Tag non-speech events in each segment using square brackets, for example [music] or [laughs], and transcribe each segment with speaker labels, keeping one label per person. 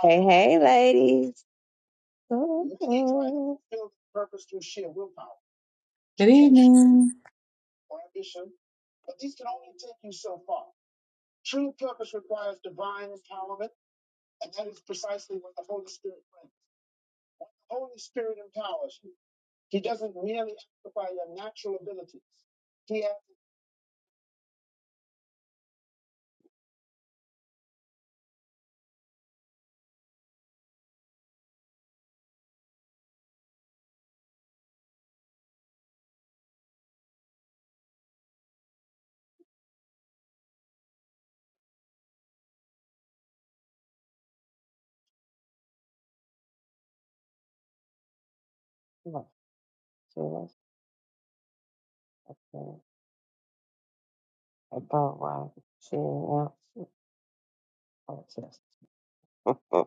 Speaker 1: Hey, hey, ladies. Mhm.
Speaker 2: Good evening.
Speaker 1: Cheers. Okay. I thought, wow, cheering out. Oh, just- [laughs]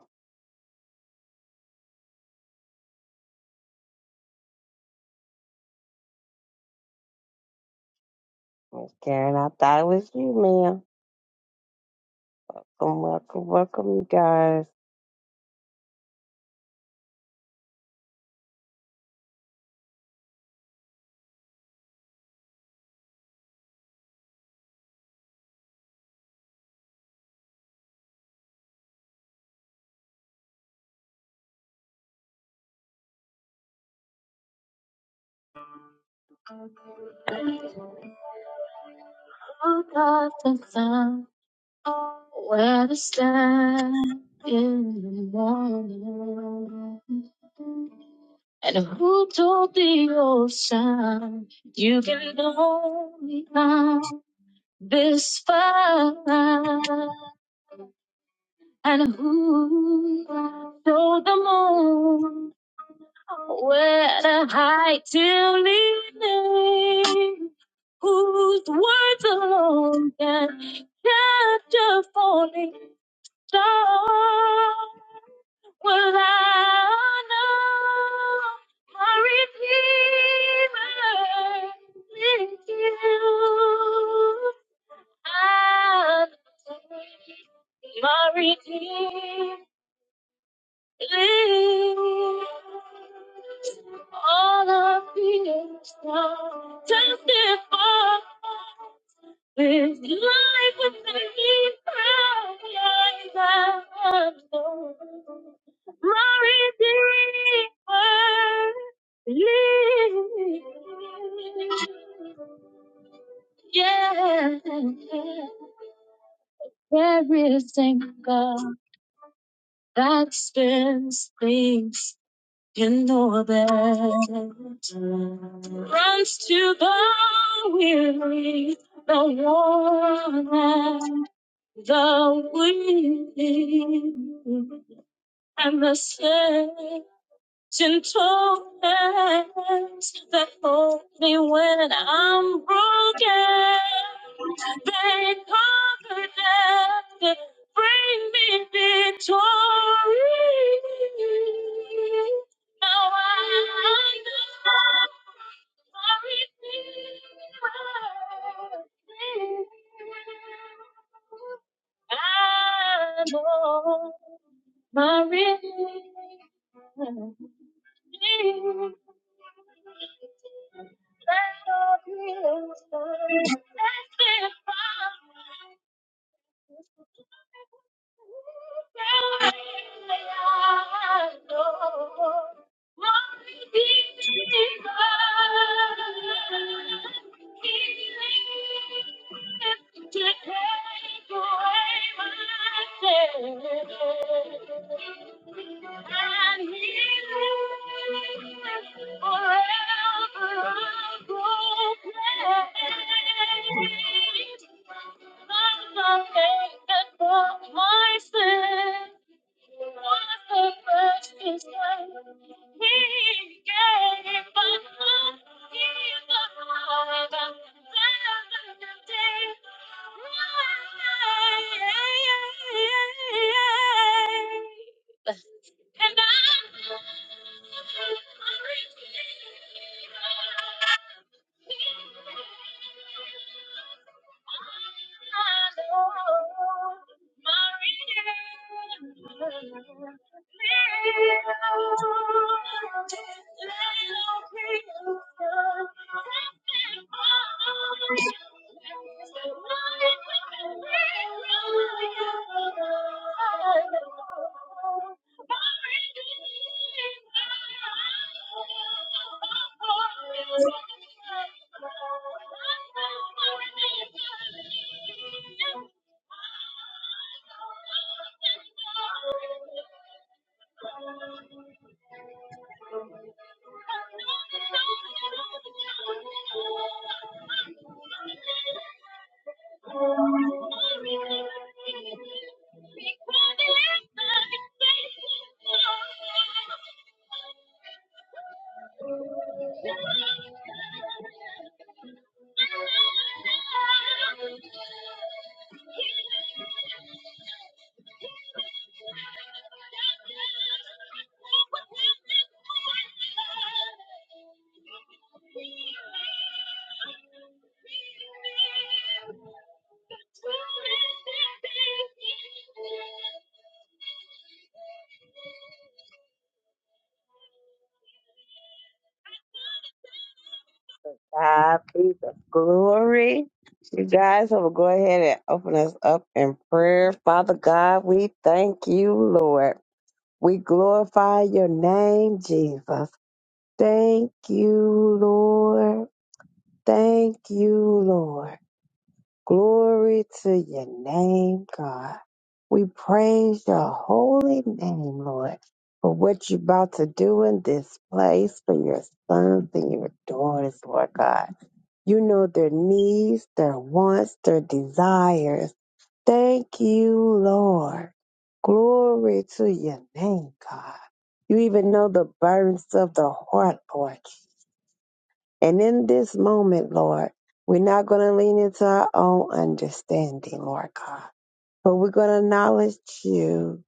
Speaker 1: Miss Karen, I thought it was you, ma'am. Welcome, welcome, welcome, you guys. Oh, God, thank God, where to stand in the morning. And who told the ocean you can only come? this far and who showed the moon where to hide till evening whose words alone can catch a falling star will I know my redeemer is you I'll my Redeemer all of you just before this life was taking from me proud I am so my redeemer lives. yeah every single that spins things in orbit, runs to the weary, the worn and the weak, and the sick. Gentle hands that hold me when I'm broken. They conquer death that bring me victory. Now I know my Redeemer lives. I know my Redeemer Thank you my you the he gave us. He died on the day. And I'm Thank you. God be the glory. You guys I will go ahead and open us up in prayer. Father God, we thank you, Lord. We glorify your name, Jesus. Thank you, Lord. Thank you, Lord. Glory to your name, God. We praise your holy name, Lord, for what you're about to do in this place for your sons and your daughters, Lord God. You know their needs, their wants, their desires. Thank you, Lord. Glory to your name, God. You even know the burdens of the heart, Lord And in this moment, Lord, we're not going to lean into our own understanding, Lord God, but we're going to acknowledge you,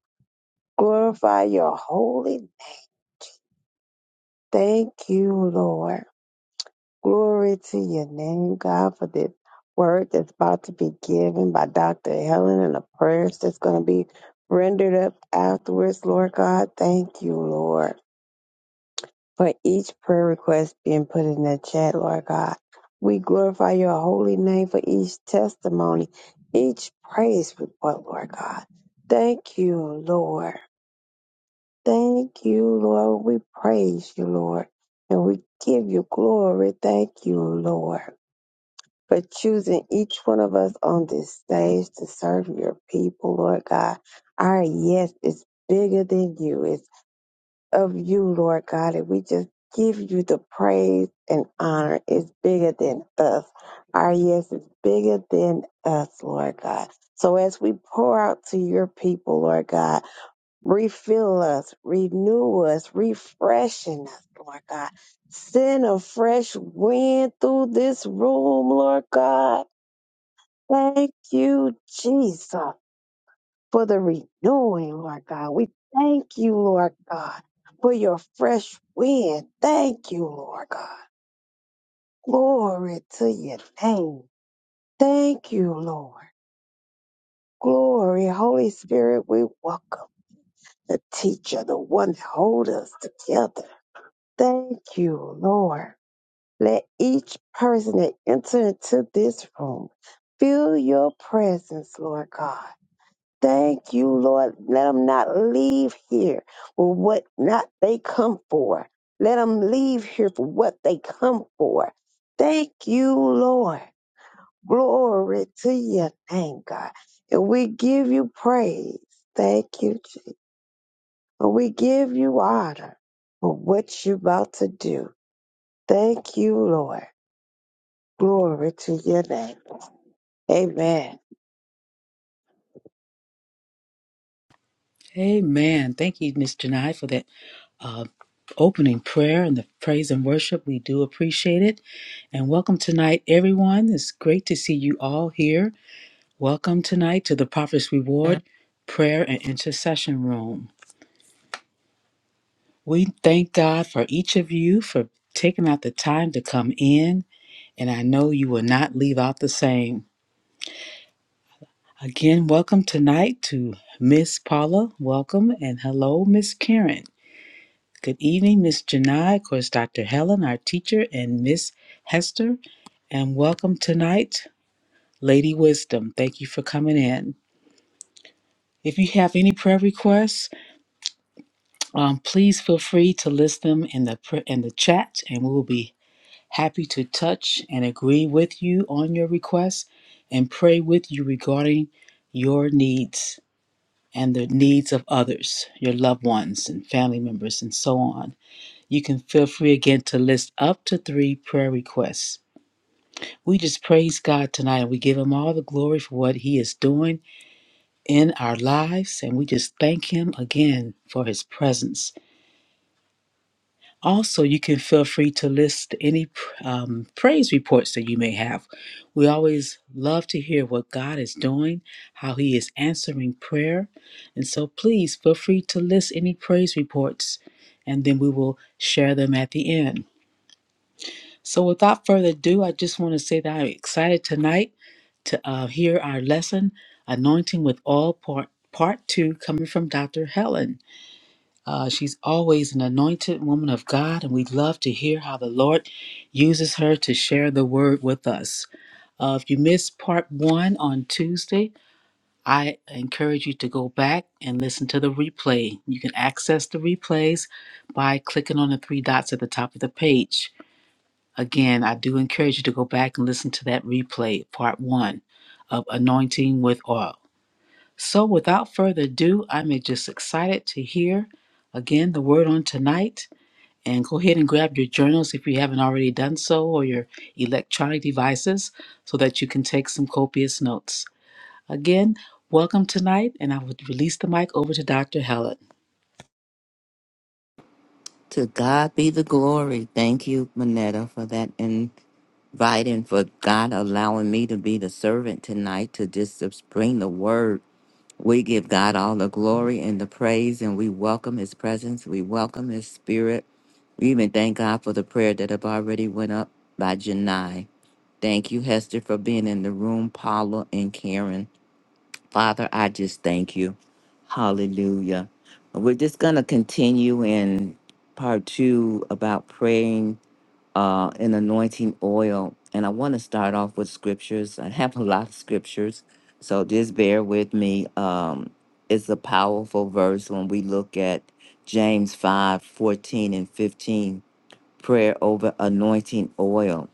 Speaker 1: glorify your holy name. Thank you, Lord. Glory to your name, God, for this word that's about to be given by Dr. Helen and the prayers that's going to be rendered up afterwards, Lord God. Thank you, Lord. for each prayer request being put in the chat, Lord God. We glorify your holy name for each testimony, each praise report, Lord God. Thank you, Lord. Thank you, Lord. We praise you, Lord, and we give you glory. Thank you, Lord, for choosing each one of us on this stage to serve your people, Lord God. Our yes is bigger than you. It's of you, Lord God, and we just give you the praise and honor. It's bigger than us. Our yes is bigger than us, Lord God. So as we pour out to your people, Lord God, refill us, renew us, refreshing us, Lord God. Send a fresh wind through this room, Lord God. Thank you, Jesus for the renewing, Lord God. We thank you, Lord God, for your fresh wind. Thank you, Lord God. Glory to your name. Thank you, Lord. Glory, Holy Spirit, we welcome the teacher, the one that holds us together. Thank you, Lord. Let each person that enter into this room feel your presence, Lord God. Thank you, Lord. Let them not leave here for what not they come for. Let them leave here for what they come for. Thank you, Lord. Glory to your name, God. And we give you praise. Thank you, Jesus. And we give you honor for what you're about to do. Thank you, Lord. Glory to your name. Amen.
Speaker 2: Amen. Thank you, Miss Janai, for that uh, opening prayer and the praise and worship. We do appreciate it. And welcome tonight, everyone. It's great to see you all here. Welcome tonight to the Prophet's Reward Prayer and Intercession Room. We thank God for each of you for taking out the time to come in, and I know you will not leave out the same. Again, welcome tonight to Miss Paula. Welcome, and hello, Miss Karen. Good evening, Miss Janai, of course, Dr. Helen, our teacher, and Miss Hester. And welcome tonight, Lady Wisdom. Thank you for coming in. If you have any prayer requests, um, please feel free to list them in the pr- in the chat, and we will be happy to touch and agree with you on your requests and pray with you regarding your needs and the needs of others, your loved ones and family members, and so on. You can feel free again to list up to three prayer requests. We just praise God tonight and we give Him all the glory for what He is doing in our lives and we just thank Him again for His presence. Also, you can feel free to list any um, praise reports that you may have. We always love to hear what God is doing, how He is answering prayer. And so please feel free to list any praise reports and then we will share them at the end. So, without further ado, I just want to say that I'm excited tonight to uh, hear our lesson, Anointing with oil, part, part two, coming from Dr. Helen. Uh, she's always an anointed woman of God, and we would love to hear how the Lord uses her to share the word with us. Uh, if you missed part one on Tuesday, I encourage you to go back and listen to the replay. You can access the replays by clicking on the three dots at the top of the page. Again, I do encourage you to go back and listen to that replay, part one of Anointing with Oil. So, without further ado, I'm just excited to hear again the word on tonight. And go ahead and grab your journals if you haven't already done so, or your electronic devices, so that you can take some copious notes. Again, welcome tonight, and I would release the mic over to Dr. Helen.
Speaker 3: To God be the glory. Thank you, Manetta, for that invite and for God allowing me to be the servant tonight to just bring the word. We give God all the glory and the praise, and we welcome His presence. We welcome His spirit. We even thank God for the prayer that have already went up by Janai. Thank you, Hester, for being in the room, Paula and Karen. Father, I just thank you. Hallelujah. We're just going to continue in part two about praying uh, and anointing oil. And I want to start off with scriptures. I have a lot of scriptures, so just bear with me. Um, it's a powerful verse when we look at James 5 14 and 15, prayer over anointing oil.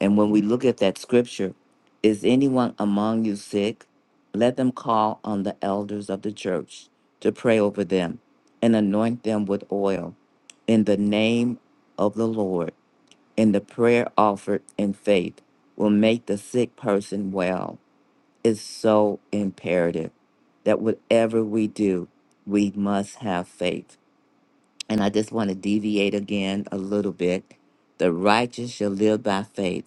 Speaker 3: And when we look at that scripture, is anyone among you sick? Let them call on the elders of the church to pray over them and anoint them with oil in the name of the Lord. And the prayer offered in faith will make the sick person well. It's so imperative that whatever we do, we must have faith. And I just want to deviate again a little bit. The righteous shall live by faith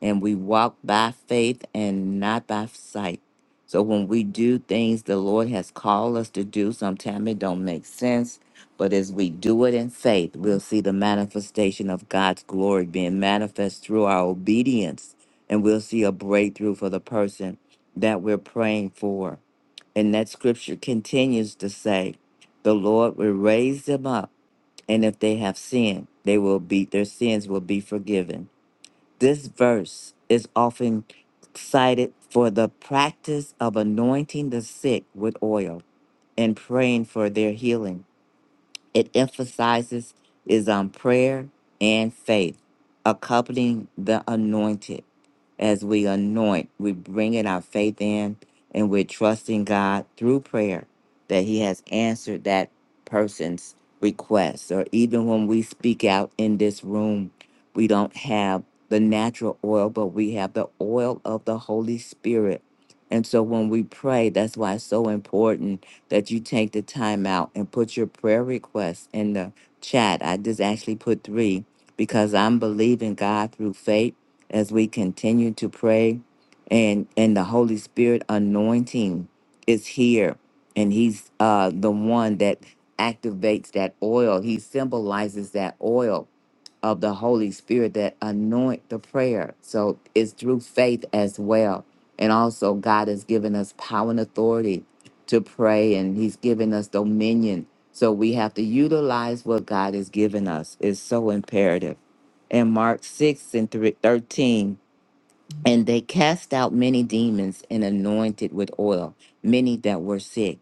Speaker 3: and we walk by faith and not by sight. So when we do things the Lord has called us to do, sometimes it don't make sense, but as we do it in faith, we'll see the manifestation of God's glory being manifest through our obedience, and we'll see a breakthrough for the person that we're praying for. And that scripture continues to say, the Lord will raise them up, and if they have sinned, they will be their sins will be forgiven. This verse is often cited for the practice of anointing the sick with oil and praying for their healing it emphasizes is on prayer and faith, accompanying the anointed. As we anoint, we bring in our faith in and we're trusting God through prayer that He has answered that person's request. Or even when we speak out in this room, we don't have the natural oil, but we have the oil of the Holy Spirit. And so when we pray, that's why it's so important that you take the time out and put your prayer requests in the chat. I just actually put three because I'm believing God through faith as we continue to pray and and the Holy Spirit anointing is here and he's uh the one that activates that oil. He symbolizes that oil of the Holy Spirit that anoint the prayer. So it's through faith as well. And also, God has given us power and authority to pray, and He's given us dominion. So we have to utilize what God has given us. It's so imperative. And Mark 6 and thre- 13, and they cast out many demons and anointed with oil, many that were sick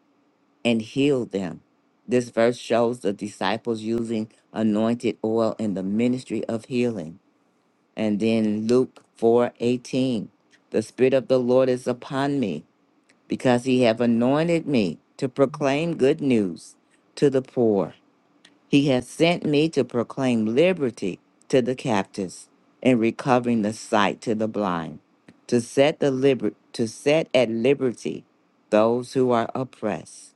Speaker 3: and healed them. This verse shows the disciples using anointed oil in the ministry of healing. And then Luke 4:18. The spirit of the Lord is upon me because he have anointed me to proclaim good news to the poor. He has sent me to proclaim liberty to the captives and recovering the sight to the blind, to set the liber- to set at liberty those who are oppressed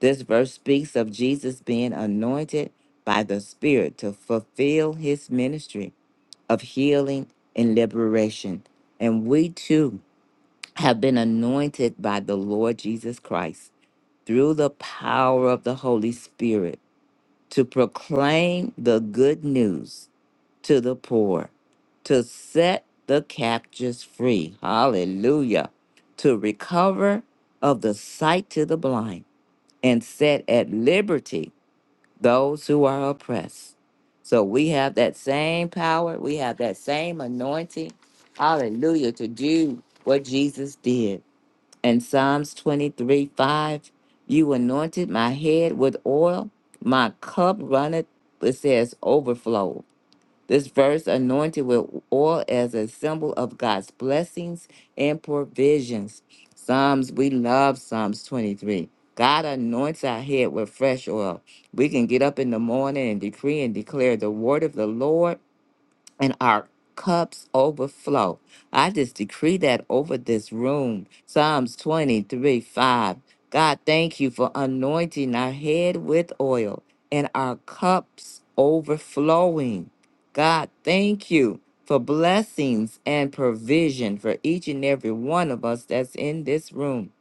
Speaker 3: this verse speaks of Jesus being anointed by the Spirit to fulfill his ministry of healing and liberation. And we too have been anointed by the Lord Jesus Christ through the power of the Holy Spirit to proclaim the good news to the poor, to set the captives free. Hallelujah. To recover of the sight to the blind and set at liberty those who are oppressed. So we have that same power, we have that same anointing. Hallelujah, to do what Jesus did. And Psalms 23 5, you anointed my head with oil, my cup runneth, it says, overflow. This verse anointed with oil as a symbol of God's blessings and provisions. Psalms, we love Psalms 23. God anoints our head with fresh oil. We can get up in the morning and decree and declare the word of the Lord and our cups overflow. I just decree that over this room. Psalms 23 5. God, thank you for anointing our head with oil and our cups overflowing. God, thank you for blessings and provision for each and every one of us that's in this room.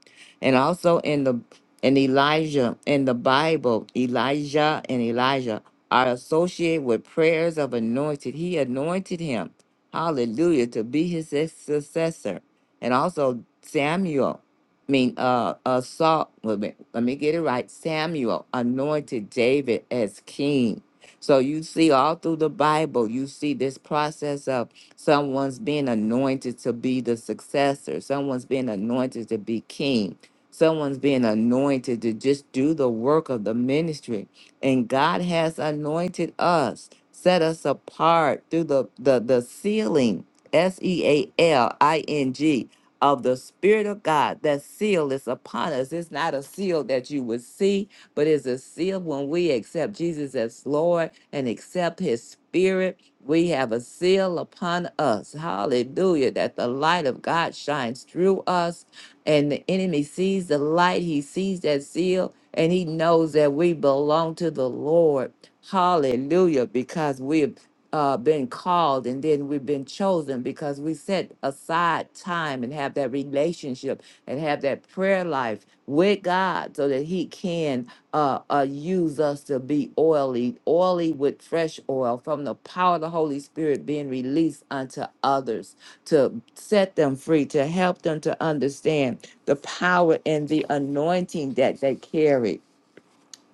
Speaker 3: And also in the in Elijah in the Bible, Elijah and Elijah. I associate with prayers of anointed. He anointed him, hallelujah, to be his successor. And also Samuel, I mean, uh, uh Saul, wait a minute, let me get it right. Samuel anointed David as king. So you see all through the Bible, you see this process of someone's being anointed to be the successor, someone's being anointed to be king, someone's being anointed to just do the work of the ministry and God has anointed us, set us apart through the, the, the sealing, S E A L I N G, of the Spirit of God. That seal is upon us. It's not a seal that you would see, but it's a seal when we accept Jesus as Lord and accept His Spirit. We have a seal upon us. Hallelujah. That the light of God shines through us and the enemy sees the light, he sees that seal, and he knows that we belong to the Lord. Hallelujah, because we've uh, been called and then we've been chosen because we set aside time and have that relationship and have that prayer life with God so that he can uh, uh, use us to be oily, oily with fresh oil from the power of the Holy Spirit being released unto others to set them free, to help them to understand the power and the anointing that they carry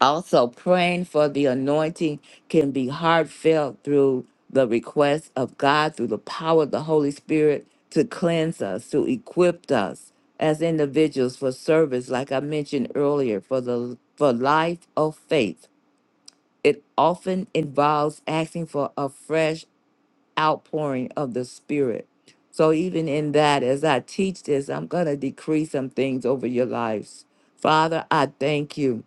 Speaker 3: also, praying for the anointing can be heartfelt through the request of God, through the power of the Holy Spirit to cleanse us, to equip us as individuals for service, like I mentioned earlier, for the for life of faith. It often involves asking for a fresh outpouring of the Spirit. So even in that, as I teach this, I'm gonna decree some things over your lives. Father, I thank you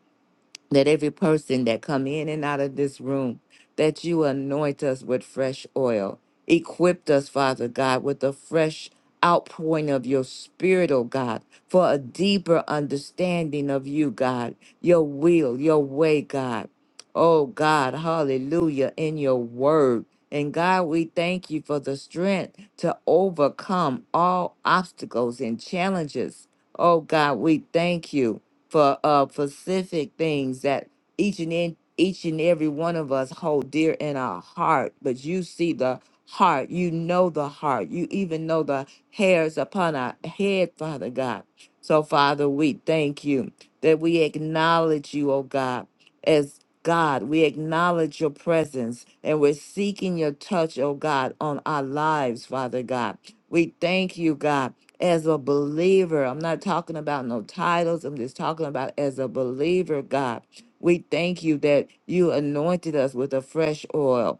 Speaker 3: that every person that come in and out of this room that you anoint us with fresh oil equipped us father god with a fresh outpouring of your spirit oh god for a deeper understanding of you god your will your way god oh god hallelujah in your word and God, we thank you for the strength to overcome all obstacles and challenges. Oh God, we thank you for uh specific things that each and in, each and every one of us hold dear in our heart but you see the heart you know the heart you even know the hairs upon our head father god so father we thank you that we acknowledge you oh god as God, we acknowledge your presence and we're seeking your touch, oh God, on our lives, Father God. We thank you, God, as a believer. I'm not talking about no titles. I'm just talking about as a believer, God. We thank you that you anointed us with a fresh oil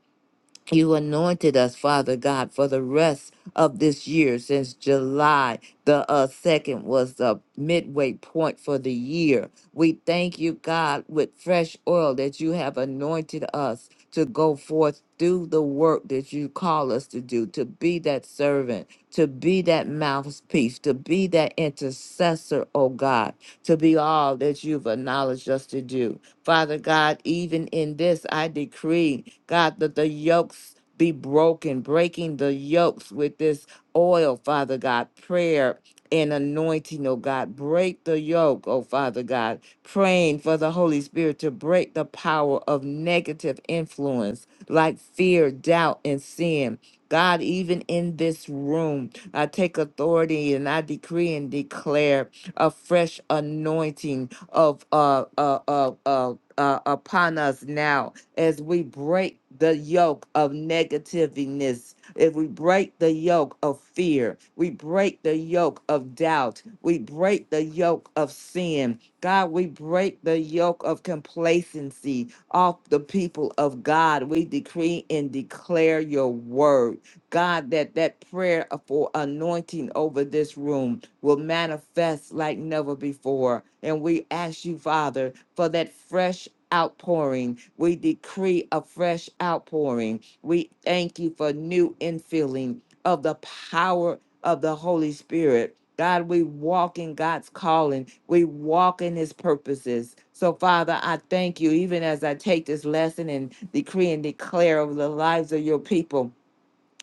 Speaker 3: you anointed us, Father God, for the rest of this year since July. The uh, second was the midway point for the year. We thank you, God, with fresh oil that you have anointed us to go forth, do the work that you call us to do, to be that servant, to be that mouthpiece, to be that intercessor, oh God, to be all that you've acknowledged us to do. Father God, even in this, I decree, God, that the yokes be broken, breaking the yokes with this oil, Father God, prayer and anointing, oh God. Break the yoke, oh Father God, praying for the Holy Spirit to break the power of negative influence like fear, doubt, and sin. God, even in this room, I take authority and I decree and declare a fresh anointing of uh, uh, uh, uh, uh, upon us now as we break the yoke of negativeness, if we break the yoke of fear, we break the yoke of doubt, we break the yoke of sin. God, we break the yoke of complacency off the people of God. We decree and declare your word. God, that that prayer for anointing over this room will manifest like never before. And we ask you, Father, for that fresh outpouring. We decree a fresh outpouring. We thank you for new infilling of the power of the Holy Spirit. God, we walk in God's calling. We walk in his purposes. So, Father, I thank you, even as I take this lesson and decree and declare over the lives of your people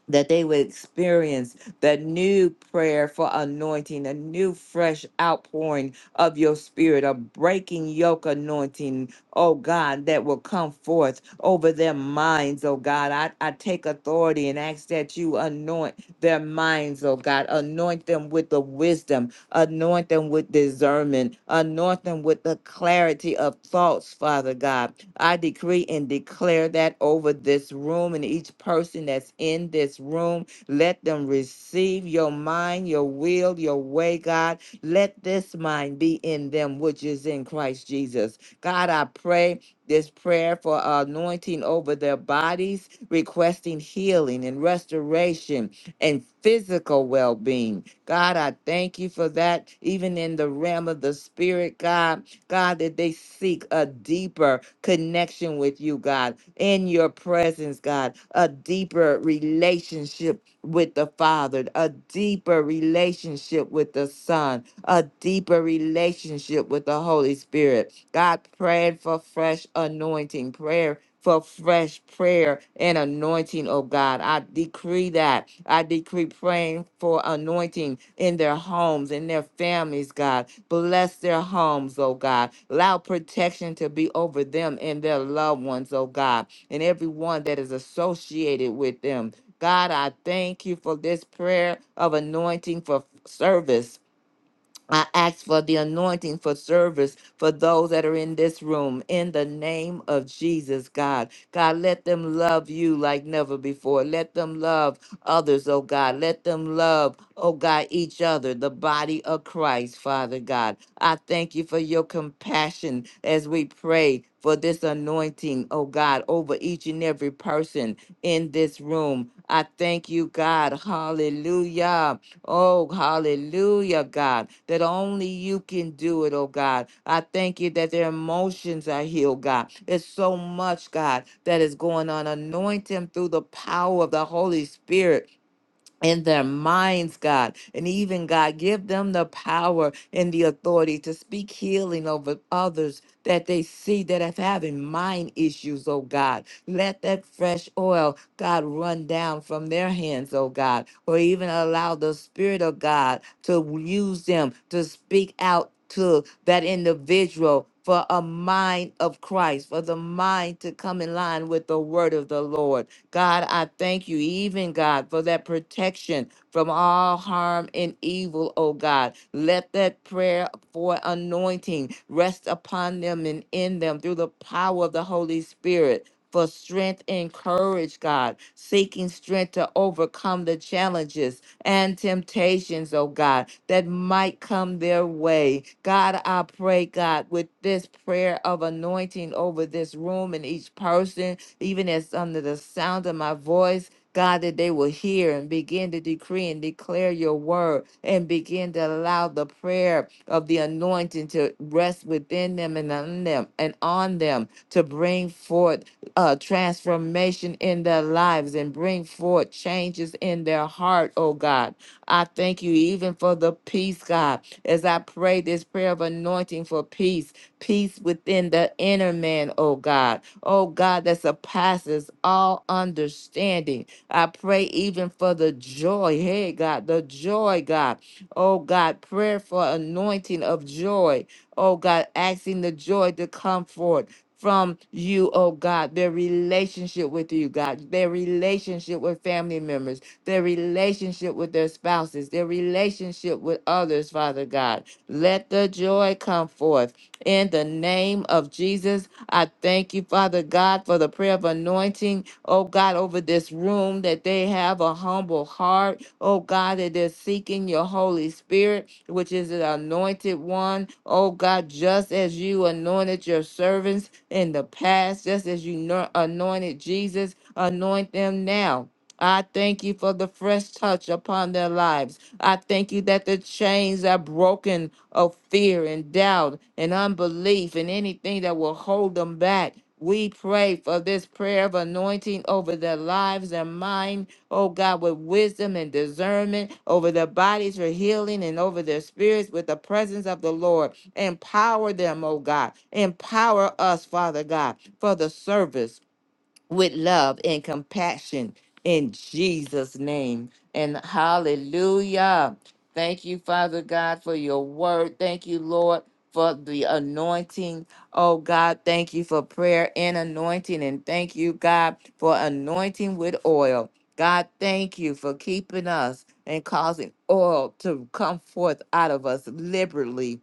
Speaker 3: that they would experience the new prayer for anointing, a new fresh outpouring of your spirit, a breaking yoke anointing, oh God, that will come forth over their minds, oh God. I, I take authority and ask that you anoint their minds, oh God. Anoint them with the wisdom Anoint them with discernment. Anoint them with the clarity of thoughts, Father God. I decree and declare that over this room and each person that's in this room. Let them receive your mind, your will, your way, God. Let this mind be in them, which is in Christ Jesus. God, I pray this prayer for anointing over their bodies, requesting healing and restoration and physical well being. God, I thank you for that, even in the realm of the spirit, God. God, that they seek a deeper connection with you, God, in your presence, God, a deeper relationship with the Father, a deeper relationship with the Son, a deeper relationship with the Holy Spirit. God prayed for fresh anointing, prayer for fresh prayer and anointing, oh God. I decree that. I decree praying for anointing in their homes, in their families, God. Bless their homes, oh God. Allow protection to be over them and their loved ones, oh God, and everyone that is associated with them. God, I thank you for this prayer of anointing for service I ask for the anointing for service for those that are in this room in the name of Jesus, God. God, let them love you like never before. Let them love others, oh God. Let them love, oh God, each other, the body of Christ, Father God. I thank you for your compassion as we pray for this anointing, oh God, over each and every person in this room. I thank you, God. Hallelujah Oh, hallelujah, God, that only you can do it, oh God. I thank you that their emotions are healed, God. It's so much, God, that is going on. Anoint them through the power of the Holy Spirit in their minds, God, and even God, give them the power and the authority to speak healing over others that they see that have having mind issues, oh God. Let that fresh oil, God, run down from their hands, oh God, or even allow the Spirit of God to use them to speak out to that individual. For a mind of Christ, for the mind to come in line with the word of the Lord God, I thank you, even God, for that protection from all harm and evil, oh God. Let that prayer for anointing rest upon them and in them through the power of the Holy Spirit. For strength and courage, God, seeking strength to overcome the challenges and temptations, oh God, that might come their way. God, I pray, God, with this prayer of anointing over this room and each person, even as under the sound of my voice, God, that they will hear and begin to decree and declare your word and begin to allow the prayer of the anointing to rest within them and on them and on them to bring forth uh, transformation in their lives and bring forth changes in their heart, oh God. I thank you even for the peace, God, as I pray this prayer of anointing for peace, peace within the inner man, oh God oh God, that surpasses all understanding. I pray even for the joy, hey God, the joy, God, oh God, prayer for anointing of joy, oh God, asking the joy to come forth. From you, oh God, their relationship with you, God, their relationship with family members, their relationship with their spouses, their relationship with others, Father God. Let the joy come forth. In the name of Jesus, I thank you, Father God, for the prayer of anointing, oh God, over this room, that they have a humble heart, oh God, that they're seeking your Holy Spirit, which is the anointed one, oh God, just as you anointed your servants in the past, just as you no- anointed Jesus, anoint them now. I thank you for the fresh touch upon their lives. I thank you that the chains are broken of fear and doubt and unbelief and anything that will hold them back. We pray for this prayer of anointing over their lives and mind, oh God, with wisdom and discernment, over their bodies for healing and over their spirits with the presence of the Lord. Empower them, oh God. Empower us, Father God, for the service with love and compassion in Jesus' name. And hallelujah. Thank you, Father God, for your word. Thank you, Lord, for the anointing. Oh, God, thank you for prayer and anointing. And thank you, God, for anointing with oil. God, thank you for keeping us and causing oil to come forth out of us liberally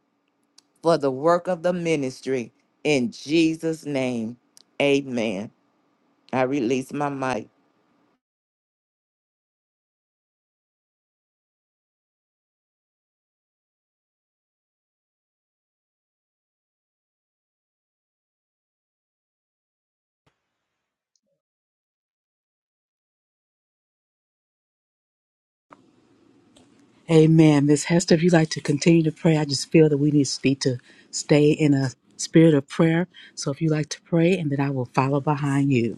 Speaker 3: for the work of the ministry. In Jesus' name, amen. I release my mic.
Speaker 2: Amen. Miss Hester, if you'd like to continue to pray, I just feel that we need need to stay in a spirit of prayer. So if you'd like to pray, and then I will follow behind you.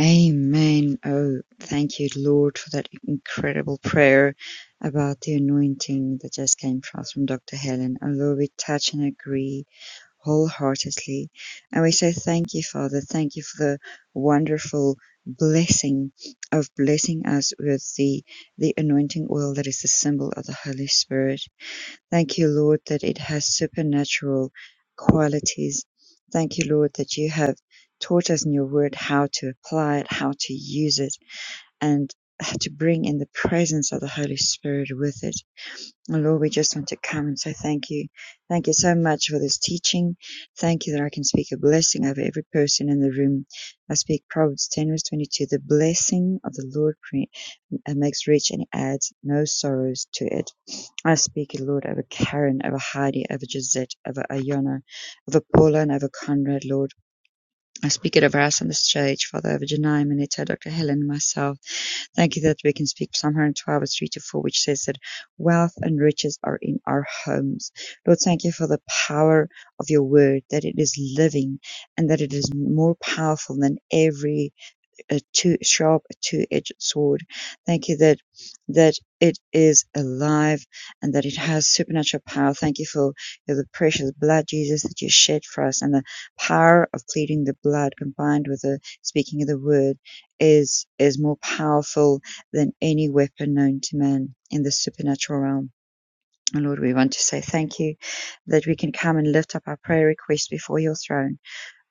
Speaker 4: Amen. Oh, thank you, Lord, for that incredible prayer about the anointing that just came across from Dr. Helen. Oh, Lord, we touch and agree wholeheartedly. And we say thank you, Father. Thank you for the wonderful blessing of blessing us with the, the anointing oil that is the symbol of the Holy Spirit. Thank you, Lord, that it has supernatural qualities. Thank you, Lord, that you have taught us in your word how to apply it, how to use it, and how to bring in the presence of the Holy Spirit with it. And Lord, we just want to come and say thank you. Thank you so much for this teaching. Thank you that I can speak a blessing over every person in the room. I speak Proverbs 10, verse 22. The blessing of the Lord and makes rich and adds no sorrows to it. I speak, Lord, over Karen, over Heidi, over Gisette, over Ayana, over Paula, and over Conrad, Lord. I speak it over us on the stage, Father, over Janai, Manetta, Dr. Helen, and myself. Thank you that we can speak Psalm 112, verse 3 to 4, which says that wealth and riches are in our homes. Lord, thank you for the power of your word, that it is living and that it is more powerful than every a two sharp two-edged sword. Thank you that that it is alive and that it has supernatural power. Thank you for you know, the precious blood, Jesus, that you shed for us, and the power of pleading the blood combined with the speaking of the word is is more powerful than any weapon known to man in the supernatural realm. And Lord, we want to say thank you that we can come and lift up our prayer requests before your throne.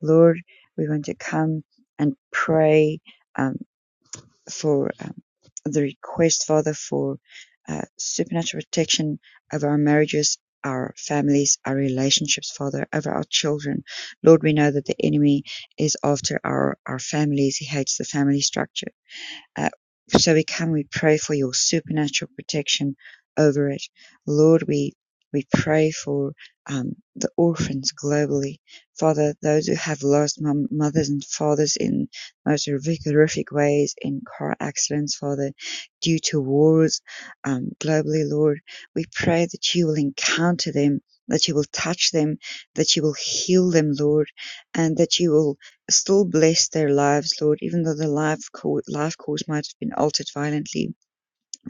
Speaker 4: Lord, we want to come and pray. um, for um, the request, Father, for uh, supernatural protection of our marriages, our families, our relationships, Father, over our children. Lord, we know that the enemy is after our, our families. He hates the family structure. Uh, So we come, we pray for your supernatural protection over it. Lord, we, we pray for um, the orphans globally. Father, those who have lost mom, mothers and fathers in most horrific, horrific ways in car accidents, Father, due to wars um, globally, Lord, we pray that you will encounter them. That you will touch them, that you will heal them, Lord, and that you will still bless their lives, Lord, even though their life, co- life course might have been altered violently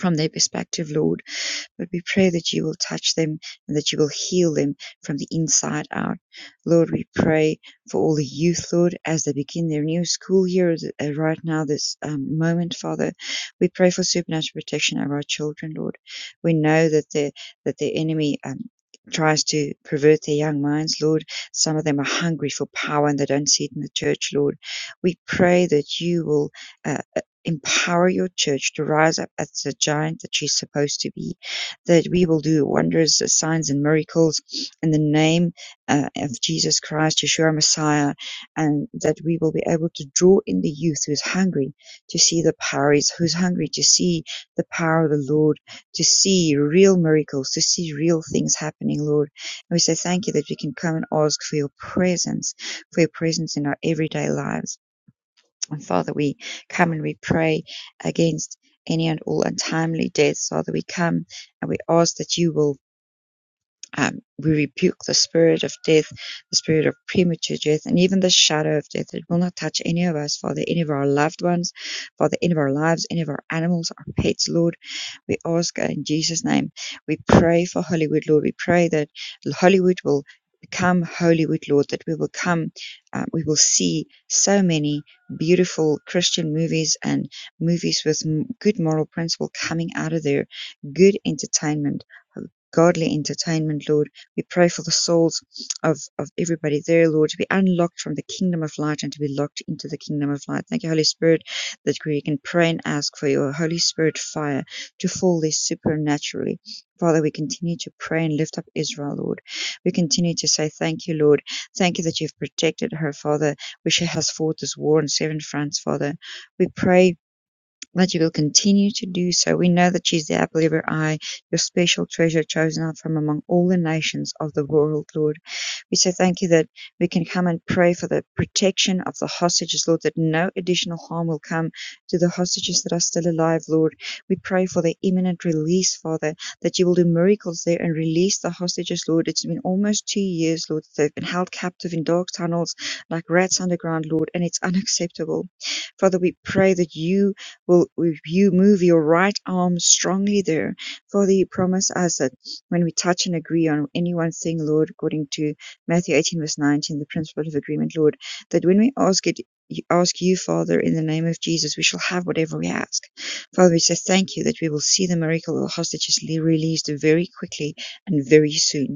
Speaker 4: from their perspective, Lord. But we pray that you will touch them and that you will heal them from the inside out. Lord, we pray for all the youth, Lord, as they begin their new school year uh, right now, this um, moment, Father. We pray for supernatural protection of our children, Lord. We know that the that the enemy um, tries to pervert their young minds, Lord. Some of them are hungry for power and they don't see it in the church, Lord. We pray that you will uh, uh, empower your church to rise up as the giant that she's supposed to be that we will do wonders, uh, signs, and miracles in the name uh, of Jesus Christ, Yeshua Messiah, and that we will be able to draw in the youth who is hungry to see the power, who's hungry to see the power of the Lord, to see real miracles, to see real things happening, Lord. And we say thank you that we can come and ask for your presence, for your presence in our everyday lives. And Father, we come and we pray against any and all untimely deaths. Father, we come and we ask that you will um, we rebuke the spirit of death, the spirit of premature death, and even the shadow of death. It will not touch any of us, Father, any of our loved ones, Father, any of our lives, any of our animals, our pets, Lord. We ask uh, in Jesus' name. We pray for Hollywood, Lord. We pray that Hollywood will become Hollywood, Lord, that we will come, uh, we will see so many beautiful Christian movies and movies with m- good moral principle coming out of there, good entertainment godly entertainment, Lord. We pray for the souls of, of everybody there, Lord, to be unlocked from the kingdom of light and to be locked into the kingdom of light. Thank you, Holy Spirit, that we can pray and ask for your Holy Spirit fire to fall there supernaturally. Father, we continue to pray and lift up Israel, Lord. We continue to say thank you, Lord. Thank you that you've protected her, Father, where she has fought this war on seven fronts, Father. We pray that you will continue to do so. We know that she is the apple of your eye, your special treasure chosen out from among all the nations of the world, Lord. We say thank you that we can come and pray for the protection of the hostages, Lord, that no additional harm will come to the hostages that are still alive, Lord. We pray for their imminent release, Father, that you will do miracles there and release the hostages, Lord. It's been almost two years, Lord, that they've been held captive in dark tunnels like rats underground, Lord, and it's unacceptable. Father, we pray that you Will you move your right arm strongly there? Father, you promise us that when we touch and agree on any one thing, Lord, according to Matthew 18, verse 19, the principle of agreement, Lord, that when we ask it, ask you, Father, in the name of Jesus, we shall have whatever we ask. Father, we say thank you that we will see the miracle of the hostages released very quickly and very soon.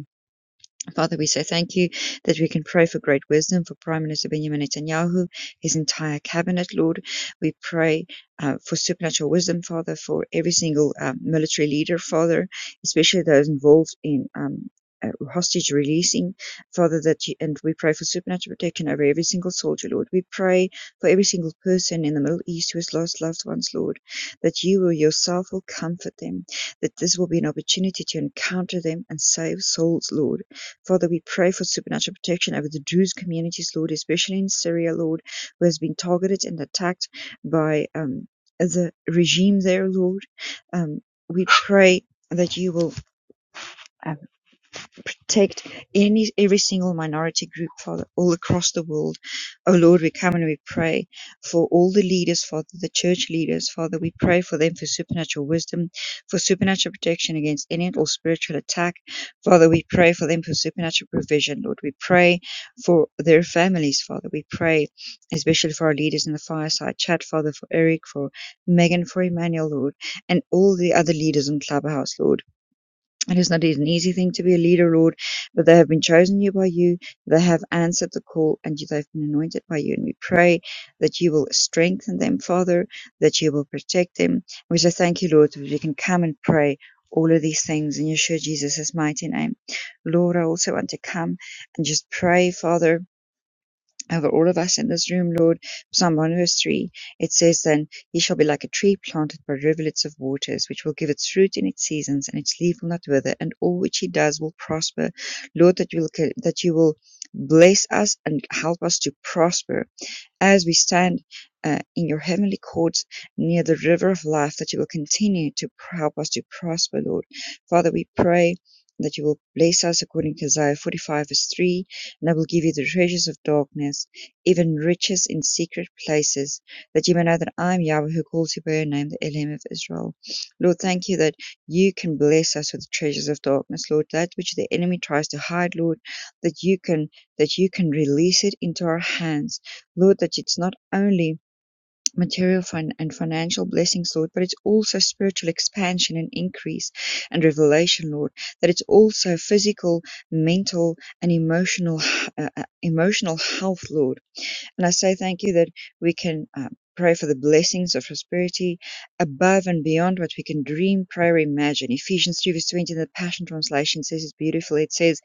Speaker 4: Father, we say thank you that we can pray for great wisdom for Prime Minister Benjamin Netanyahu, his entire cabinet, Lord. We pray uh, for supernatural wisdom, Father, for every single um, military leader, Father, especially those involved in. Um, uh, hostage releasing, Father, that you, and we pray for supernatural protection over every single soldier, Lord. We pray for every single person in the Middle East who has lost loved ones, Lord, that you will yourself will comfort them, that this will be an opportunity to encounter them and save souls, Lord. Father, we pray for supernatural protection over the Druze communities, Lord, especially in Syria, Lord, who has been targeted and attacked by um, the regime there, Lord. Um, we pray that you will. um, protect any every single minority group, Father, all across the world. Oh Lord, we come and we pray for all the leaders, Father, the church leaders, Father. We pray for them for supernatural wisdom, for supernatural protection against any and all spiritual attack. Father, we pray for them for supernatural provision, Lord. We pray for their families, Father. We pray especially for our leaders in the fireside chat, Father, for Eric, for Megan, for Emmanuel, Lord, and all the other leaders in Clubhouse, Lord. It is not an easy thing to be a leader, Lord, but they have been chosen you by you. They have answered the call and you- they've been anointed by you. And we pray that you will strengthen them, Father, that you will protect them. We say thank you, Lord, that we can come and pray all of these things in Yeshua Jesus' mighty name. Lord, I also want to come and just pray, Father, over all of us in this room, Lord. Psalm One Verse Three. it says, Then he shall be like a tree planted by rivulets of waters, which will give its fruit in its seasons, and its leaf will not wither, and all which he does will prosper. Lord, that you will, that you will bless us and help us to prosper as we stand uh, in your heavenly courts near the river of life, that you will continue to help us to prosper, Lord. Father, we pray that you will bless us according to Isaiah 45, verse 3, and I will give you the treasures of darkness, even riches in secret places, that you may know that I am Yahweh who calls you by your name, the Elohim of Israel. Lord, thank you that you can bless us with the treasures of darkness, Lord, that which the enemy tries to hide, Lord, that you can that you can release it into our hands Lord, that it's not only material fin- and financial blessings, Lord, but it's also spiritual expansion and increase and revelation, Lord. That it's also physical, mental, and emotional, h- uh, uh, emotional health, Lord. And I say thank you that we can uh, pray for the blessings of prosperity above and beyond what we can dream, pray, or imagine. Ephesians 3 verse 20 in the Passion Translation says it beautifully. It says,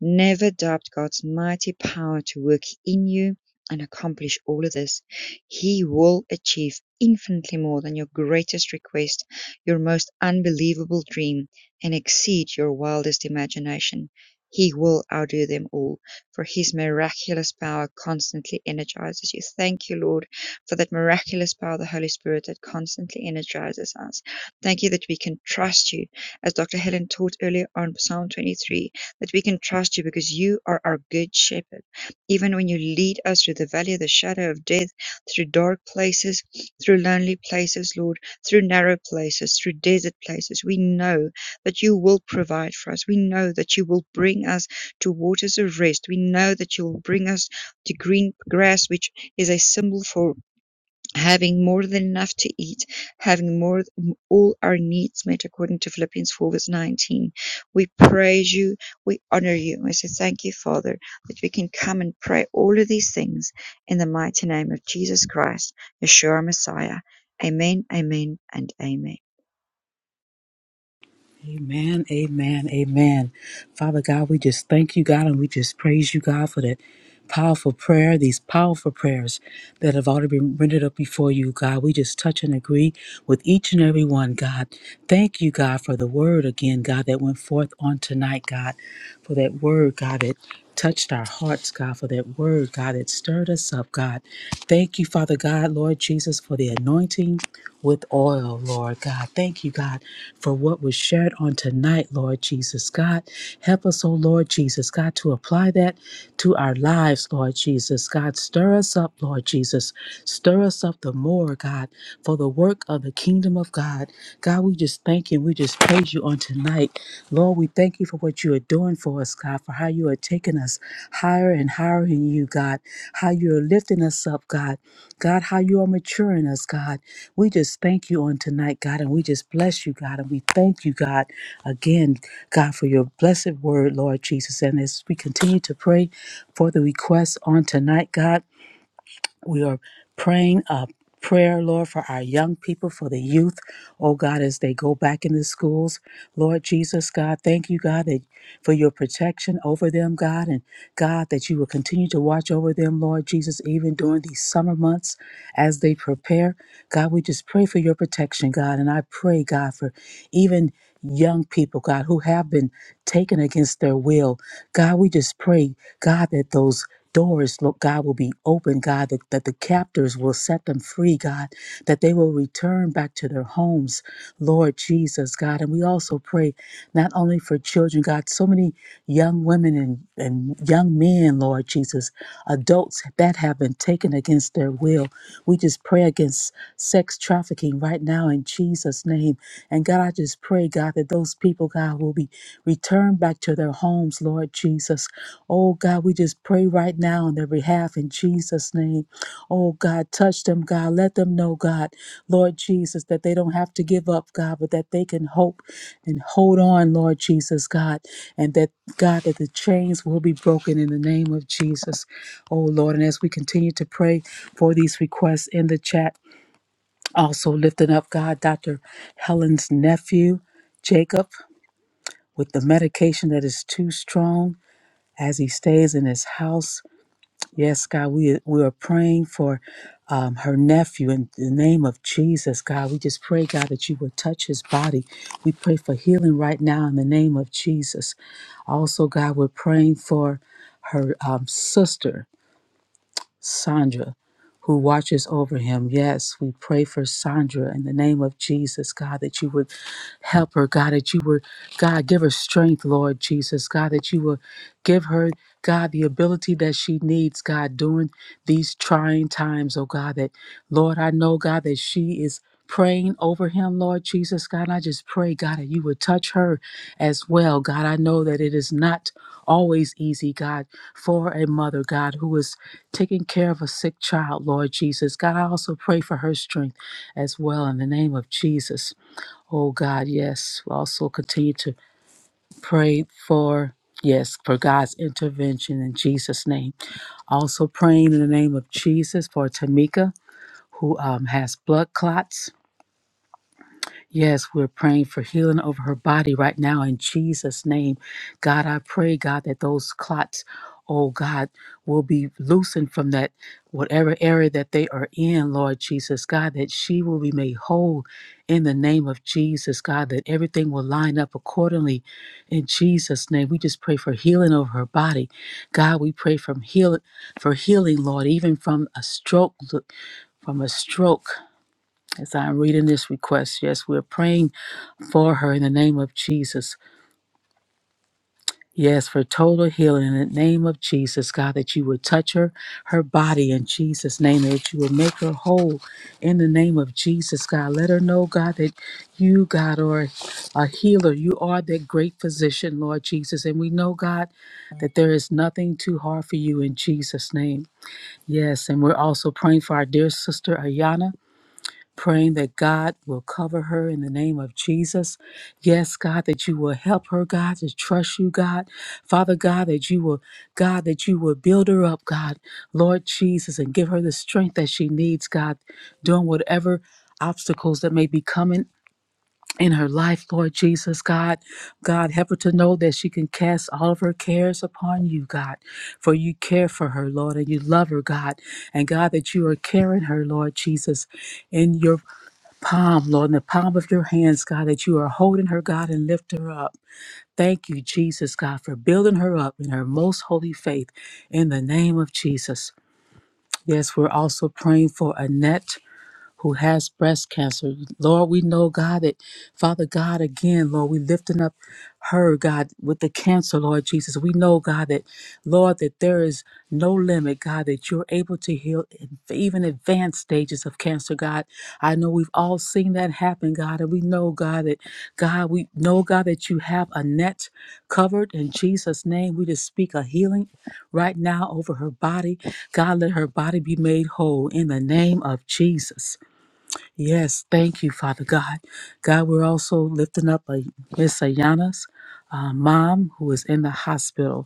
Speaker 4: Never doubt God's mighty power to work in you and accomplish all of this. He will achieve infinitely more than your greatest request, your most unbelievable dream, and exceed your wildest imagination. He will outdo them all for his miraculous power constantly energizes you. Thank you, Lord, for that miraculous power the Holy Spirit that constantly energizes us. Thank you that we can trust you, as Dr. Helen taught earlier on Psalm 23, that we can trust you because you are our good shepherd. Even when you lead us through the valley of the shadow of death, through dark places, through lonely places, Lord, through narrow places, through desert places, we know that you will provide for us. We know that you will bring us to waters of rest. We know that you will bring us to green grass, which is a symbol for having more than enough to eat, having more all our needs met according to Philippians 4 verse 19. We praise you, we honor you. We say thank you, Father, that we can come and pray all of these things in the mighty name of Jesus Christ, Yeshua Messiah. Amen, amen, and amen.
Speaker 2: Amen, amen, amen. Father God, we just thank you, God, and we just praise you, God, for that powerful prayer, these powerful prayers that have already been rendered up before you, God. We just touch and agree with each and every one, God. Thank you, God, for the word again, God, that went forth on tonight, God, for that word, God, that touched our hearts, God, for that word, God, that stirred us up, God. Thank you, Father God, Lord Jesus, for the anointing with oil, Lord God. Thank you, God, for what was shared on tonight, Lord Jesus. God, help us, oh Lord Jesus, God, to apply that to our lives, Lord Jesus. God, stir us up, Lord Jesus. Stir us up the more, God, for the work of the kingdom of God. God, we just thank you. We just praise you on tonight. Lord, we thank you for what you are doing for us, God, for how you are taking us higher and higher in you, God, how you are lifting us up, God. God, how you are maturing us, God. We just thank you on tonight, God, and we just bless you, God, and we thank you, God, again, God, for your blessed word, Lord Jesus. And as we continue to pray for the requests on tonight, God, we are praying a prayer, Lord, for our young people, for the youth, oh God, as they go back into schools. Lord Jesus, God, thank you, God, that for your protection over them, God, and God, that you will continue to watch over them, Lord Jesus, even during these summer months as they prepare. God, we just pray for your protection, God, and I pray, God, for even young people, God, who have been taken against their will. God, we just pray, God, that those doors, Lord God, will be open, God, that, that the captors will set them free, God, that they will return back to their homes, Lord Jesus, God. And we also pray not only for children, God, so many young women and, and young men, Lord Jesus, adults that have been taken against their will. We just pray against sex trafficking right now in Jesus' name. And God, I just pray, God, that those people, God, will be returned back to their homes, Lord Jesus. Oh, God, we just pray right now on their behalf in Jesus' name. Oh God, touch them, God. Let them know, God, Lord Jesus, that they don't have to give up, God, but that they can hope and hold on, Lord Jesus, God, and that, God, that the chains will be broken in the name of Jesus. Oh Lord, and as we continue to pray for these requests in the chat, also lifting up, God, Dr. Helen's nephew, Jacob, with the medication that is too strong as he stays in his house. Yes, God, we, we are praying for um, her nephew in the name of Jesus, God. We just pray, God, that you would touch his body. We pray for healing right now in the name of Jesus. Also, God, we're praying for her um, sister Sandra, who watches over him. Yes, we pray for Sandra in the name of Jesus, God, that you would help her, God, that you would, God, give her strength, Lord Jesus, God, that you would give her, God, the ability that she needs, God, during these trying times, oh God, that, Lord, I know, God, that she is praying over him, Lord Jesus, God. And I just pray, God, that you would touch her as well, God. I know that it is not always easy, God, for a mother, God, who is taking care of a sick child, Lord Jesus. God, I also pray for her strength as well in the name of Jesus. Oh, God, yes. We Also continue to pray for. Yes, for God's intervention in Jesus' name. Also praying in the name of Jesus for Tamika, who um, has blood clots. Yes, we're praying for healing over her body right now in Jesus' name. God, I pray, God, that those clots, oh God, will be loosened from that whatever area that they are in, Lord Jesus. God, that she will be made whole in the name of Jesus. God, that everything will line up accordingly in Jesus' name. We just pray for healing over her body. God, we pray from heal for healing, Lord, even from a stroke, from a stroke. As I'm reading this request, yes, we're praying for her in the name of Jesus. Yes, for total healing in the name of Jesus, God, that you would touch her, her body in Jesus' name, that you would make her whole in the name of Jesus, God. Let her know, God, that you, God, are a healer. You are that great physician, Lord Jesus. And we know, God, that there is nothing too hard for you in Jesus' name. Yes, and we're also praying for our dear sister, Ayana praying that God will cover her in the name of Jesus. Yes, God, that you will help her, God, to trust you, God. Father God, that you will, God, that you will build her up, God, Lord Jesus, and give her the strength that she needs, God, doing whatever obstacles that may be coming. In her life, Lord Jesus, God, God, help her to know that she can cast all of her cares upon you, God, for you care for her, Lord, and you love her, God, and God, that you are caring her, Lord Jesus, in your palm, Lord, in the palm of your hands, God, that you are holding her, God, and lift her up. Thank you, Jesus, God, for building her up in her most holy faith in the name of Jesus. Yes, we're also praying for Annette who has breast cancer. Lord, we know, God, that Father God, again, Lord, we lifting up her, God, with the cancer, Lord Jesus. We know, God, that, Lord, that there is no limit, God, that you're able to heal in- even advanced stages of cancer, God. I know we've all seen that happen, God, and we know, God, that, God, we know, God, that you have a net covered in Jesus' name. We just speak a healing right now over her body. God, let her body be made whole in the name of Jesus. Yes, thank you, Father God. God, we're also lifting up a Miss Ayana's uh, mom who is in the hospital.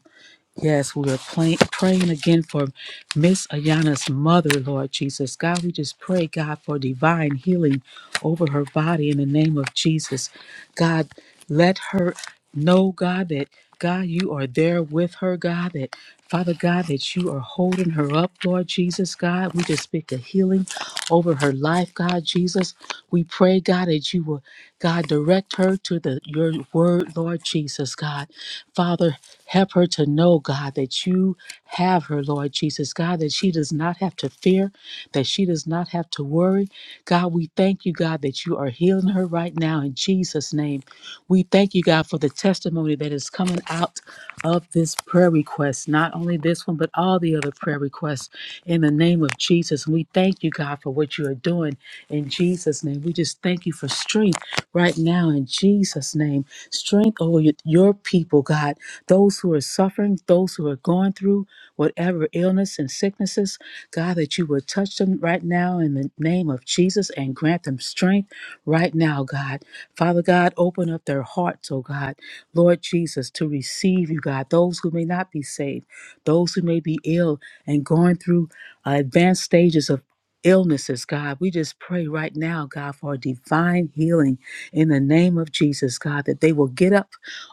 Speaker 2: Yes, we are playing, praying again for Miss Ayana's mother, Lord Jesus. God, we just pray, God, for divine healing over her body in the name of Jesus. God, let her know, God, that God, you are there with her, God, that Father God, that you are holding her up, Lord Jesus, God. We just speak a healing over her life, God Jesus. We pray, God, that you will, God, direct her to the your word, Lord Jesus, God. Father, help her to know, God, that you have her, Lord Jesus. God, that she does not have to fear, that she does not have to worry. God, we thank you, God, that you are healing her right now in Jesus' name. We thank you, God, for the testimony that is coming out of this prayer request, not only this one, but all the other prayer requests in the name of Jesus. And we thank you, God, for what you are doing in Jesus' name. We just thank you for strength right now in Jesus' name. Strength over y- your people, God, those who are suffering, those who are going through whatever illness and sicknesses. God, that you would touch them right now in the name of Jesus and grant them strength right now, God. Father God, open up their hearts, oh God, Lord Jesus, to receive you, God. Those who may not be saved, those who may be ill and going through uh, advanced stages of illnesses, God. We just pray right now, God, for a divine healing in the name of Jesus, God, that they will get up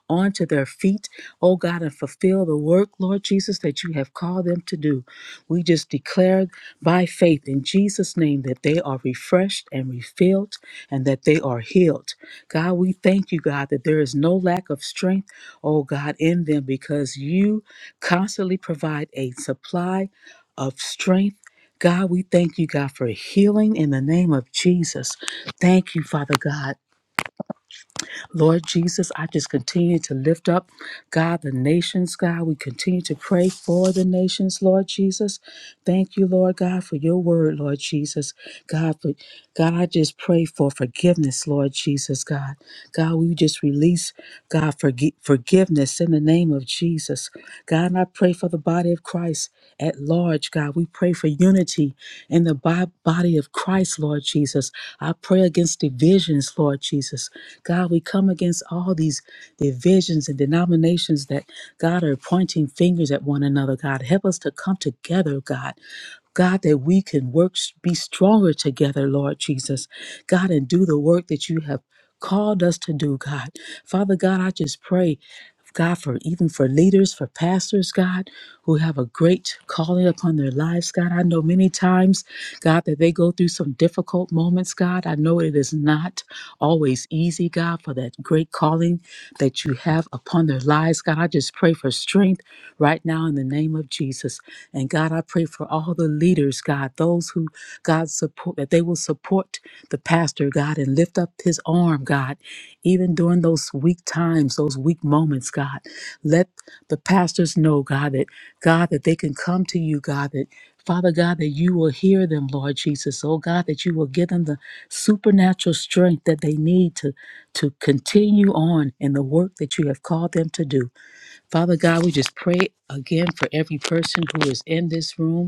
Speaker 2: onto their feet, oh God, and fulfill the work, Lord Jesus, that you have called them to do. We just declare by faith in Jesus' name that they are refreshed and refilled and that they are healed. God, we thank you, God, that there is no lack of strength, oh God, in them because you constantly provide a supply of strength. God, we thank you, God, for healing in the name of Jesus. Thank you, Father God. Lord Jesus, I just continue to lift up, God, the nations, God. We continue to pray for the nations, Lord Jesus. Thank you, Lord God, for your word, Lord Jesus. God, for God, I just pray for forgiveness, Lord Jesus, God. God, we just release, God, forgi- forgiveness in the name of Jesus. God, and I pray for the body of Christ at large, God. We pray for unity in the bo- body of Christ, Lord Jesus. I pray against divisions, Lord Jesus. God, we come against all these divisions and denominations that, God, are pointing fingers at one another, God. Help us to come together, God. God, that we can work, be stronger together, Lord Jesus. God, and do the work that you have called us to do, God. Father God, I just pray. God, for even for leaders, for pastors, God, who have a great calling upon their lives, God. I know many times, God, that they go through some difficult moments, God. I know it is not always easy, God, for that great calling that you have upon their lives, God. I just pray for for strength right now in the name of Jesus. And God, I pray for all the leaders, God, those who God support, that they will support the pastor, God, and lift up his arm, God, even during those weak times, those weak moments, God. Let the pastors know, God, that God, that they can come to you, God, that Father God, that you will hear them, Lord Jesus. Oh God, that you will give them the supernatural strength that they need to, to continue on in the work that you have called them to do. Father God, we just pray again for every person who is in this room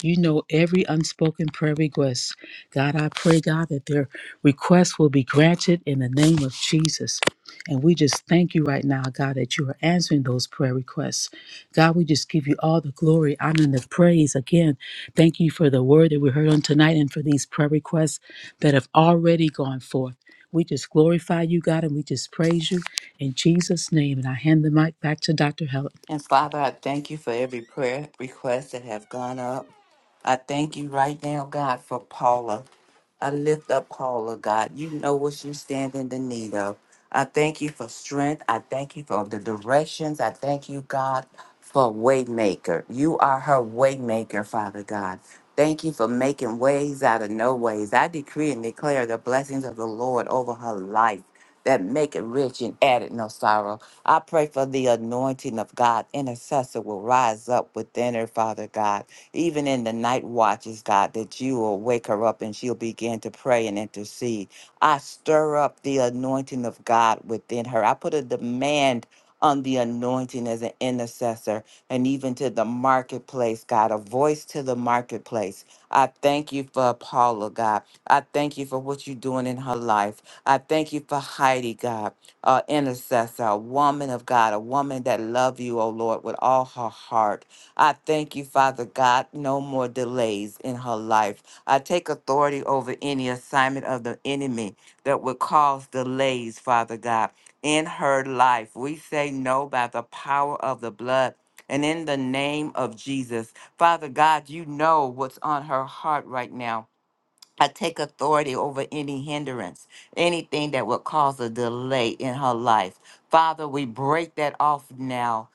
Speaker 2: you know every unspoken prayer request. God, I pray, God, that their requests will be granted in the name of Jesus. And we just thank you right now, God, that you are answering those prayer requests. God, we just give you all the glory, honor, and the praise. Again, thank you for the word that we heard on tonight and for these prayer requests that have already gone forth. We just glorify you, God, and we just praise you in Jesus' name. And I hand the mic back to Dr. Helen.
Speaker 3: And Father, I thank you for every prayer request that have gone up. I thank you right now, God, for Paula. I lift up Paula, God. You know what she stands in the need of. I thank you for strength. I thank you for the directions. I thank you, God, for waymaker. You are her waymaker, Father God. Thank you for making ways out of no ways. I decree and declare the blessings of the Lord over her life that make it rich and add it no sorrow. I pray for the anointing of God. Intercessor will rise up within her, Father God even in the night watches, God, that you will wake her up and she'll begin to pray and intercede. I stir up the anointing of God within her. I put a demand on the anointing as an intercessor and even to the marketplace, God, a voice to the marketplace. I thank you for Paula, God. I thank you for what you're doing in her life. I thank you for Heidi, God, a intercessor, a woman of God, a woman that loves you, oh Lord, with all her heart. I thank you, Father God, no more delays in her life. I take authority over any assignment of the enemy that would cause delays, Father God, in her life. We say no by the power of the blood. And in the name of Jesus, Father God, you know what's on her heart right now. I take authority over any hindrance, anything that would cause a delay in her life. Father, we break that off now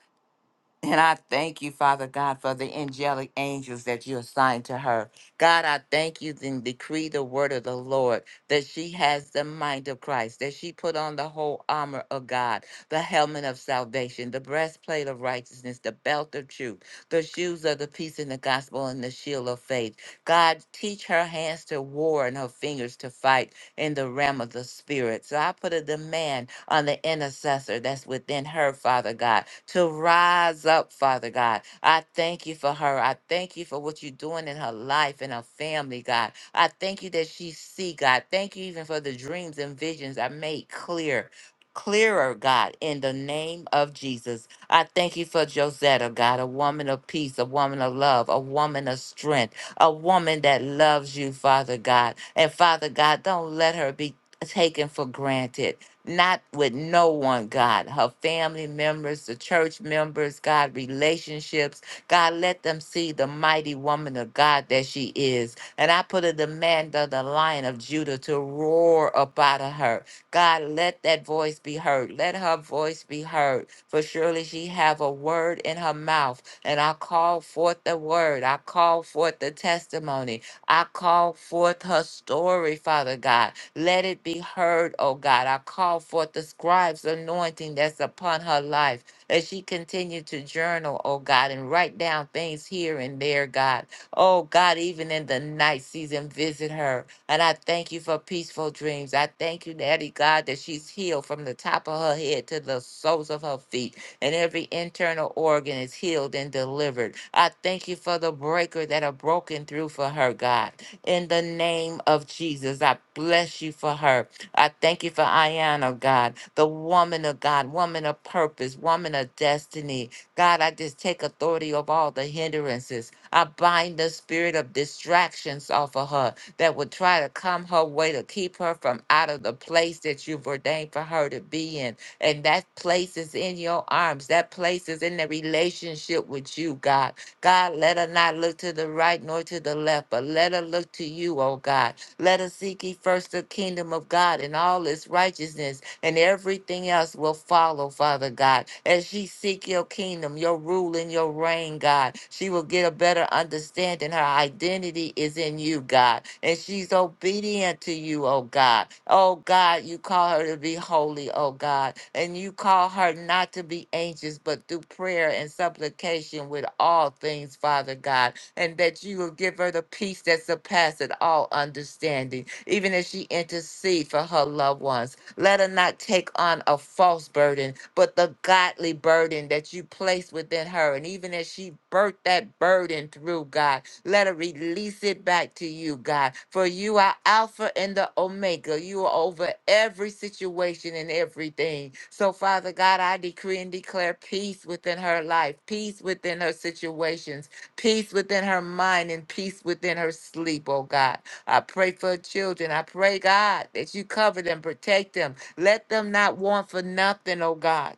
Speaker 3: and I thank you, Father God, for the angelic angels that you assigned to her. God, I thank you and decree the word of the Lord that she has the mind of Christ, that she put on the whole armor of God, the helmet of salvation, the breastplate of righteousness, the belt of truth, the shoes of the peace in the gospel, and the shield of faith. God, teach her hands to war and her fingers to fight in the realm of the spirit. So I put a demand on the intercessor that's within her, Father God, to rise up, Father God. I thank you for her. I thank you for what you're doing in her life and her family, God. I thank you that she see, God. Thank you even for the dreams and visions I made clear. Clearer, God, in the name of Jesus. I thank you for Josetta, God, a woman of peace, a woman of love, a woman of strength a woman that loves you, Father God. And Father God, don't let her be taken for granted. Not with no one, God. Her family members, the church members, God, relationships. God, let them see the mighty woman of God that she is. And I put a demand on the lion of Judah to roar up out of her. God, let that voice be heard. Let her voice be heard. For surely she have a word in her mouth and I call forth the word. I call forth the testimony. I call forth her story, Father God. Let it be heard, oh God. I call forth the scribe's anointing that's upon her life as she continued to journal, oh God, and write down things here and there, God. Oh God, even in the night season, visit her. And I thank you for peaceful dreams. I thank you, Daddy God, that she's healed from the top of her head to the soles of her feet and every internal organ is healed and delivered. I thank you for the breaker that are broken through for her, God. In the name of Jesus, I bless you for her. I thank you for Ayana, God, the woman of God, woman of purpose, woman of destiny. God, I just take authority of all the hindrances. I bind the spirit of distractions off of her that would try to come her way to keep her from out of the place that you've ordained for her to be in. And that place is in your arms. That place is in the relationship with you, God. God, let her not look to the right nor to the left, but let her look to you, oh God. Let her seek ye first the kingdom of God and all its righteousness and everything else will follow, Father God. As she seek your kingdom, your rule and your reign, God, she will get a better understanding. Her identity is in you, God, and she's obedient to you, oh God. Oh God, you call her to be holy, oh God, and you call her not to be anxious, but through prayer and supplication with all things, Father God, and that you will give her the peace that surpasses all understanding, even as she intercedes for her loved ones. Let her not take on a false burden, but the godly burden that you place within her. And even as she birthed that burden through God, let her release it back to you, God. For you are Alpha and the Omega. You are over every situation and everything. So, Father God, I decree and declare peace within her life, peace within her situations, peace within her mind, and peace within her sleep, oh God. I pray for children. I pray, God, that you cover them, protect them. Let them not want for nothing, oh God.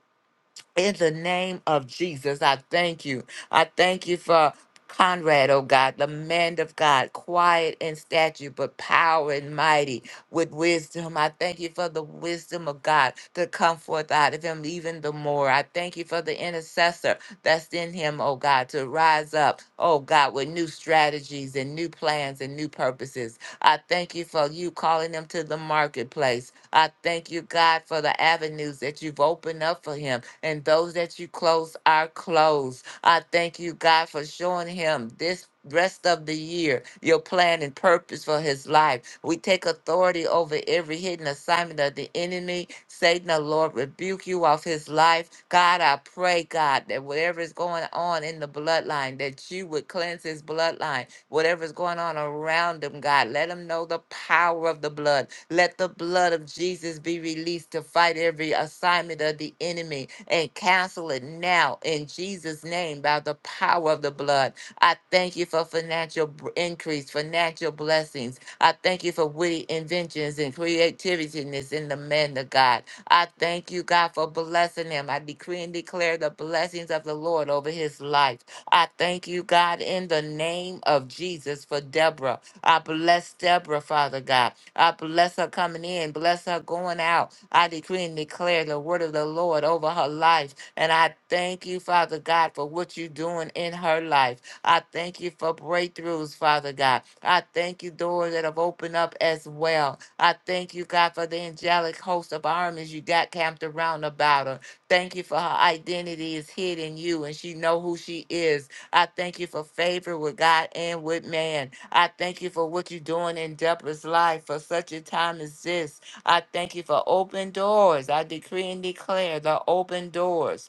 Speaker 3: In the name of Jesus, I thank you. I thank you for Conrad, oh God, the man of God, quiet in stature, but power and mighty with wisdom. I thank you for the wisdom of God to come forth out of him even the more. I thank you for the intercessor that's in him, oh God, to rise up, oh God, with new strategies and new plans and new purposes. I thank you for you calling him to the marketplace. I thank you, God, for the avenues that you've opened up for him and those that you close are closed. I thank you, God, for showing him this rest of the year your plan and purpose for his life. We take authority over every hidden assignment of the enemy. Satan, the Lord, rebuke you off his life. God, I pray, God, that whatever is going on in the bloodline, that you would cleanse his bloodline whatever's going on around them, God. Let them know the power of the blood. Let the blood of Jesus be released to fight every assignment of the enemy and cancel it now in Jesus' name by the power of the blood. I thank you for financial br- increase, financial blessings. I thank you for witty inventions and creativeness in the men of God. I thank you, God, for blessing him. I decree and declare the blessings of the Lord over his life. I thank you, God, in the name of Jesus for Deborah. I bless Deborah, Father God. I bless her coming in, bless her going out. I decree and declare the word of the Lord over her life. And I thank you, Father God, for what you're doing in her life. I thank you for breakthroughs, Father God. I thank you, doors that have opened up as well. I thank you, God, for the angelic host of armies you got camped around about her. Thank you for her identity is hid in you and she know who she is I thank you for favor with God and with man. I thank you for what you're doing in Deborah's life for such a time as this. I thank you for open doors. I decree and declare the open doors.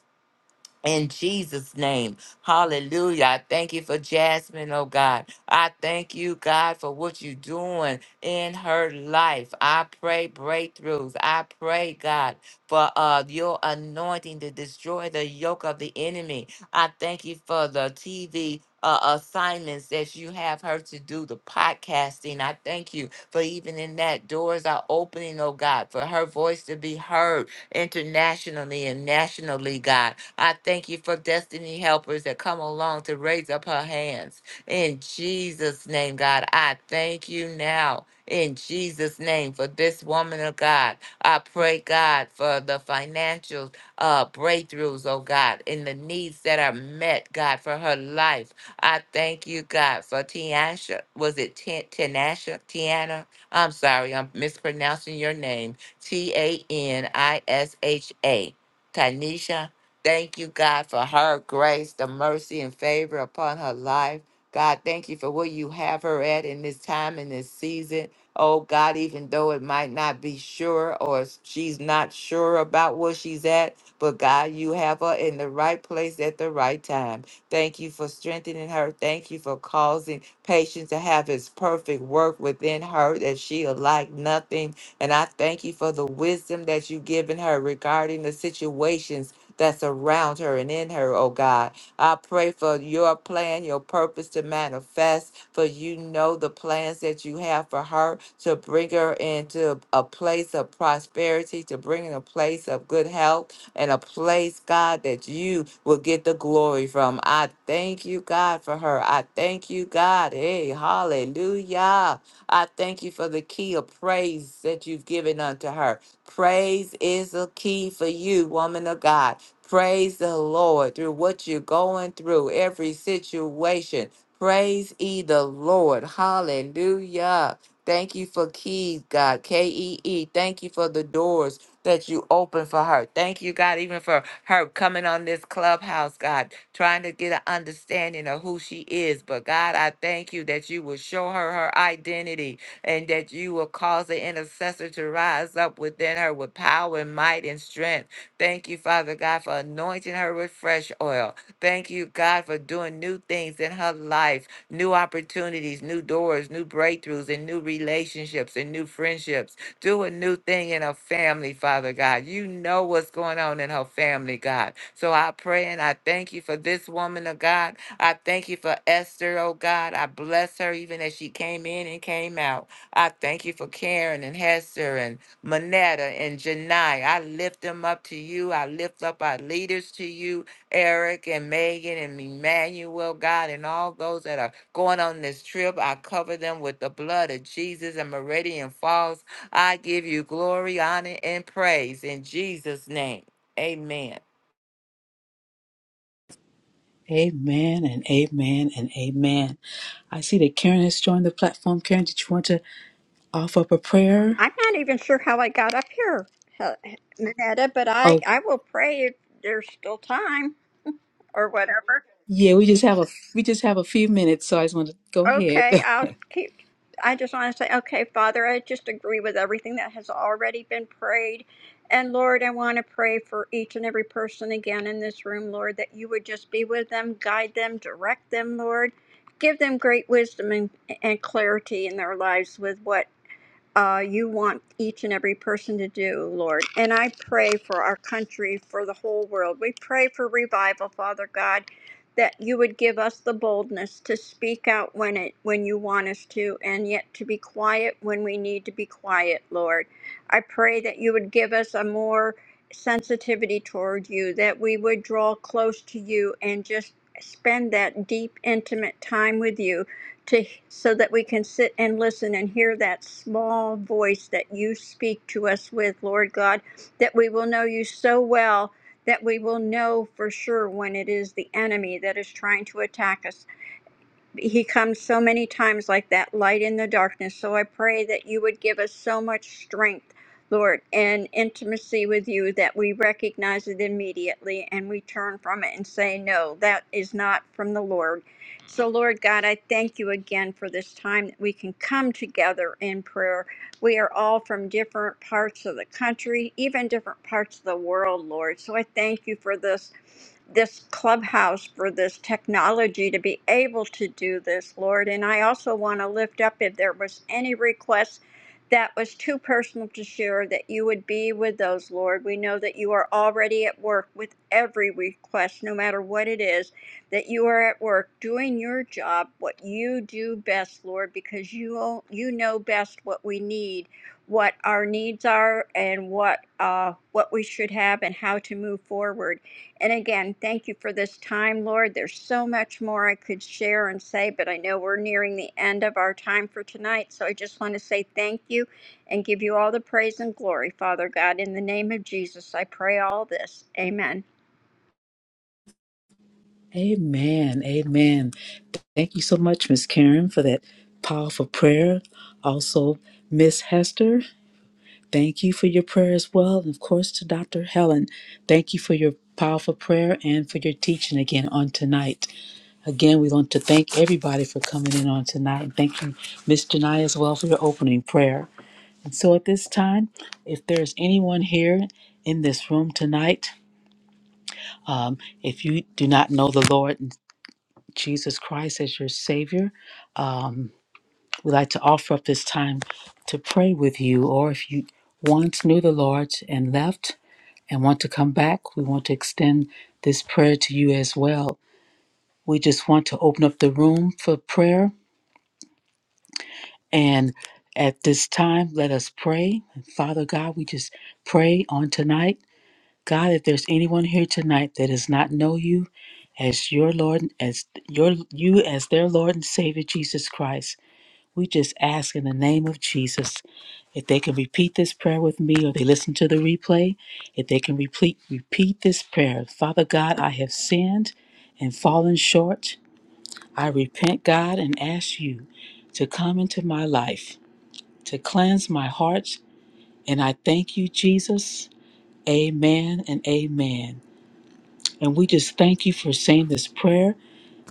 Speaker 3: In Jesus' name. Hallelujah. I thank you for Jasmine, oh God. I thank you, God, for what you're doing in her life. I pray breakthroughs. I pray, God, for uh, your anointing to destroy the yoke of the enemy. I thank you for the TV. Uh, assignments that you have her to do, the podcasting. I thank you for even in that doors are opening, oh God, for her voice to be heard internationally and nationally, God. I thank you for destiny helpers that come along to raise up her hands. In Jesus' name, God, I thank you now. In Jesus' name, for this woman of God, I pray, God, for the financial uh, breakthroughs, oh God, and the needs that are met, God, for her life. I thank you, God, for Tiasha. Was it Ti- Tinasha? Tiana? I'm sorry, I'm mispronouncing your name. T A N I S H A. Tanisha. Thank you, God, for her grace, the mercy and favor upon her life. God, thank you for where you have her at in this time, in this season. Oh, God, even though it might not be sure or she's not sure about where she's at, but God, you have her in the right place at the right time. Thank you for strengthening her. Thank you for causing patience to have his perfect work within her that she'll lack nothing. And I thank you for the wisdom that you've given her regarding the situations that's around her and in her, oh God. I pray for your plan, your purpose to manifest, for you know the plans that you have for her to bring her into a place of prosperity, to bring in a place of good health, and a place, God, that you will get the glory from. I thank you, God, for her. I thank you, God. Hey, hallelujah. I thank you for the key of praise that you've given unto her. Praise is a key for you, woman of God. Praise the Lord through what you're going through, every situation. Praise ye the Lord. Hallelujah. Thank you for keys, God. K E E. Thank you for the doors that you open for her. Thank you, God, even for her coming on this clubhouse, God, trying to get an understanding of who she is. But God, I thank you that you will show her her identity and that you will cause the intercessor to rise up within her with power and might and strength. Thank you, Father God, for anointing her with fresh oil. Thank you, God, for doing new things in her life, new opportunities, new doors, new breakthroughs, and new relationships and new friendships. Do a new thing in her family, Father God. You know what's going on in her family, God. So I pray and I thank you for this woman of God. I thank you for Esther, oh God. I bless her even as she came in and came out. I thank you for Karen and Hester and Manetta and Janai. I lift them up to you. I lift up our leaders to you, Eric and Megan and Emmanuel, God, and all those that are going on this trip. I cover them with the blood of Jesus and Meridian Falls. I give you glory, honor, and praise in Jesus' name. Amen.
Speaker 2: Amen and amen and amen. I see that Karen has joined the platform. Karen, did you want to offer up a prayer?
Speaker 5: I'm not even sure how I got up here, uh, Minetta, but I,
Speaker 2: Oh,
Speaker 5: I will pray if there's still time or whatever.
Speaker 2: yeah, we just have a we just have a few minutes, so I just want to go ahead.
Speaker 5: Okay, I'll
Speaker 2: [laughs]
Speaker 5: keep. I just want to say, okay, Father, I just agree with everything that has already been prayed. And Lord, I want to pray for each and every person again in this room, Lord, that you would just be with them, guide them, direct them, Lord. Give them great wisdom and, and clarity in their lives with what uh, you want each and every person to do, Lord. And I pray for our country, for the whole world. We pray for revival, Father God, that you would give us the boldness to speak out when it when you want us to, and yet to be quiet when we need to be quiet, Lord. I pray that you would give us a more sensitivity toward you, that we would draw close to you and just spend that deep, intimate time with you to so that we can sit and listen and hear that small voice that you speak to us with, Lord God, that we will know you so well that we will know for sure when it is the enemy that is trying to attack us he comes so many times like that light in the darkness. So I pray that you would give us so much strength, Lord, and intimacy with you that we recognize it immediately and we turn from it and say, No, that is not from the Lord. So, Lord God, I thank you again for this time that we can come together in prayer we are all from different parts of the country, even different parts of the world, Lord. So I thank you for this this clubhouse for this technology to be able to do this, Lord. And I also want to lift up if there was any request that was too personal to share, that you would be with those, Lord. We know that you are already at work with every request, no matter what it is that you are at work doing your job, what you do best, Lord, because you you know best what we need, what our needs are, and what uh, what we should have, and how to move forward. And again, thank you for this time, Lord. There's so much more I could share and say, but I know we're nearing the end of our time for tonight. So I just want to say thank you and give you all the praise and glory, Father God. In the name of Jesus, I pray all this. Amen.
Speaker 2: amen. Amen. Thank you so much, Miss Karen, for that powerful prayer. Also, Miss Hester, thank you for your prayer as well. And of course to Dr. Helen, thank you for your powerful prayer and for your teaching again on tonight. Again, we want to thank everybody for coming in on tonight. And Thank you, Miss Janai, as well for your opening prayer. And so at this time, if there's anyone here in this room tonight, if you do not know the Lord Jesus Christ as your Savior, um, we'd like to offer up this time to pray with you. Or if you once knew the Lord and left and want to come back, we want to extend this prayer to you as well. We just want to open up the room for prayer And at this time, let us pray. Father God, we just pray on tonight. God, if there's anyone here tonight that does not know you as your Lord, as your you as their Lord and Savior Jesus Christ, we just ask in the name of Jesus if they can repeat this prayer with me or they listen to the replay, if they can repeat repeat this prayer. Father God, I have sinned and fallen short. I repent, God, and ask you to come into my life to cleanse my heart. And I thank you, Jesus. Amen and amen. And we just thank you for saying this prayer.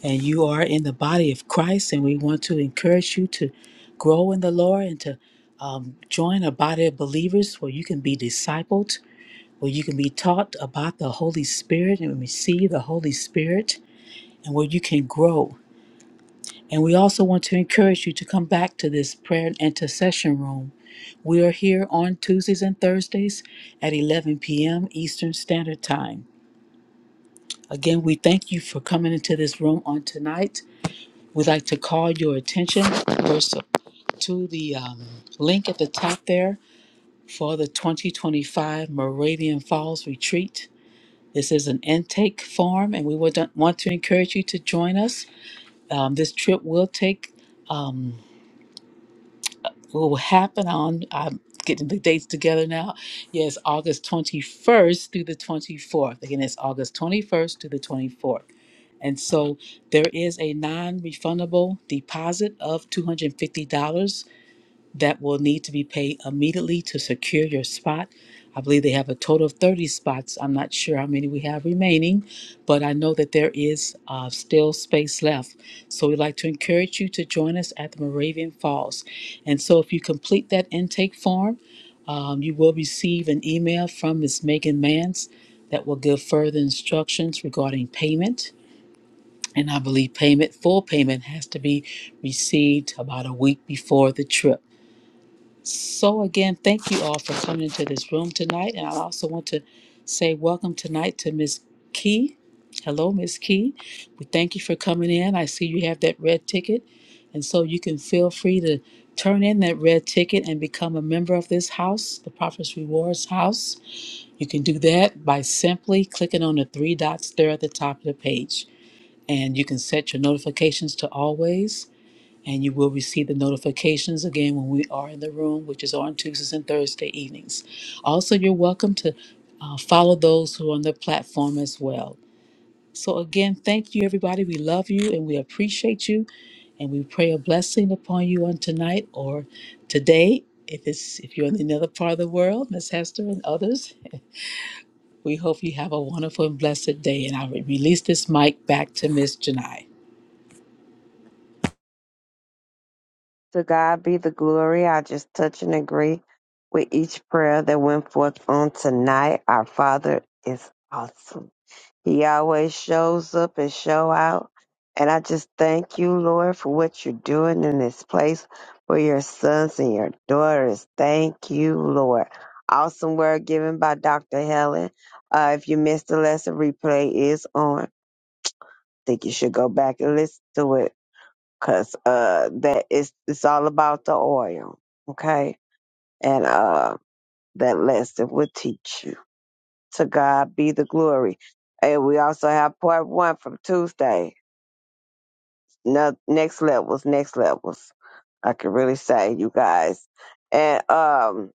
Speaker 2: And you are in the body of Christ, and we want to encourage you to grow in the Lord and to um, join a body of believers where you can be discipled, where you can be taught about the Holy Spirit and receive the Holy Spirit, and where you can grow. And we also want to encourage you to come back to this prayer and intercession room We are here on Tuesdays and Thursdays at 11 p.m. Eastern Standard Time. Again, we thank you for coming into this room on tonight. We'd like to call your attention first to the um, link at the top there for the 2025 Moravian Falls Retreat. This is an intake form, and we would want to encourage you to join us. Um, this trip will take um, what will happen on I'm getting the dates together now. Yes, August 21st through the 24th. Again, it's August 21st to the 24th. And so there is a non-refundable deposit of $250 that will need to be paid immediately to secure your spot. I believe they have a total of 30 spots. I'm not sure how many we have remaining, but I know that there is uh, still space left. So we'd like to encourage you to join us at the Moravian Falls. And so if you complete that intake form, um, you will receive an email from Ms. Megan Mans that will give further instructions regarding payment. And I believe payment, full payment, has to be received about a week before the trip. So, again, thank you all for coming into this room tonight. And I also want to say welcome tonight to Miss Key. Hello, Miss Key. We thank you for coming in. I see you have that red ticket. And so you can feel free to turn in that red ticket and become a member of this house, the Prophet's Rewards House. You can do that by simply clicking on the three dots there at the top of the page. And you can set your notifications to always and you will receive the notifications again when we are in the room, which is on Tuesdays and Thursday evenings. Also, you're welcome to uh, follow those who are on the platform as well. So, again, thank you, everybody. We love you and we appreciate you, and we pray a blessing upon you on tonight or today. If it's if you're in another part of the world, Miss Hester and others, we hope you have a wonderful and blessed day. And I will release this mic back to Miss Janai.
Speaker 1: To God be the glory. I just touch and agree with each prayer that went forth on tonight. Our Father is awesome. He always shows up and show out. And I just thank you, Lord, for what you're doing in this place for your sons and your daughters. Thank you, Lord. Awesome word given by Dr. Helen. Uh, if you missed the lesson, replay is on. think you should go back and listen to it cause uh that is it's it's all about the oil, okay? And uh that lesson will teach you. To God be the glory. And we also have part one from Tuesday. No, next levels, next levels. I can really say you guys. And um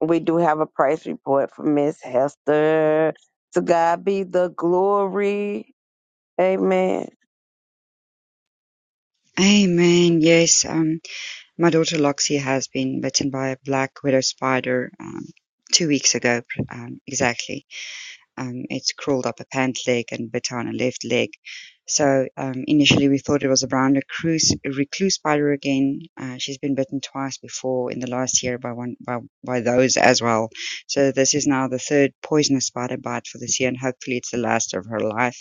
Speaker 1: we do have a praise report from Miss Hester. To God be the glory. Amen.
Speaker 4: Amen. Yes. Um, My daughter Loxie has been bitten by a black widow spider um, two weeks ago, um, exactly. Um, it's crawled up a pant leg and bit on a left leg. So um, initially we thought it was a brown recluse, recluse spider again. Uh, she's been bitten twice before in the last year by one by, by those as well. So this is now the third poisonous spider bite for this year, and hopefully it's the last of her life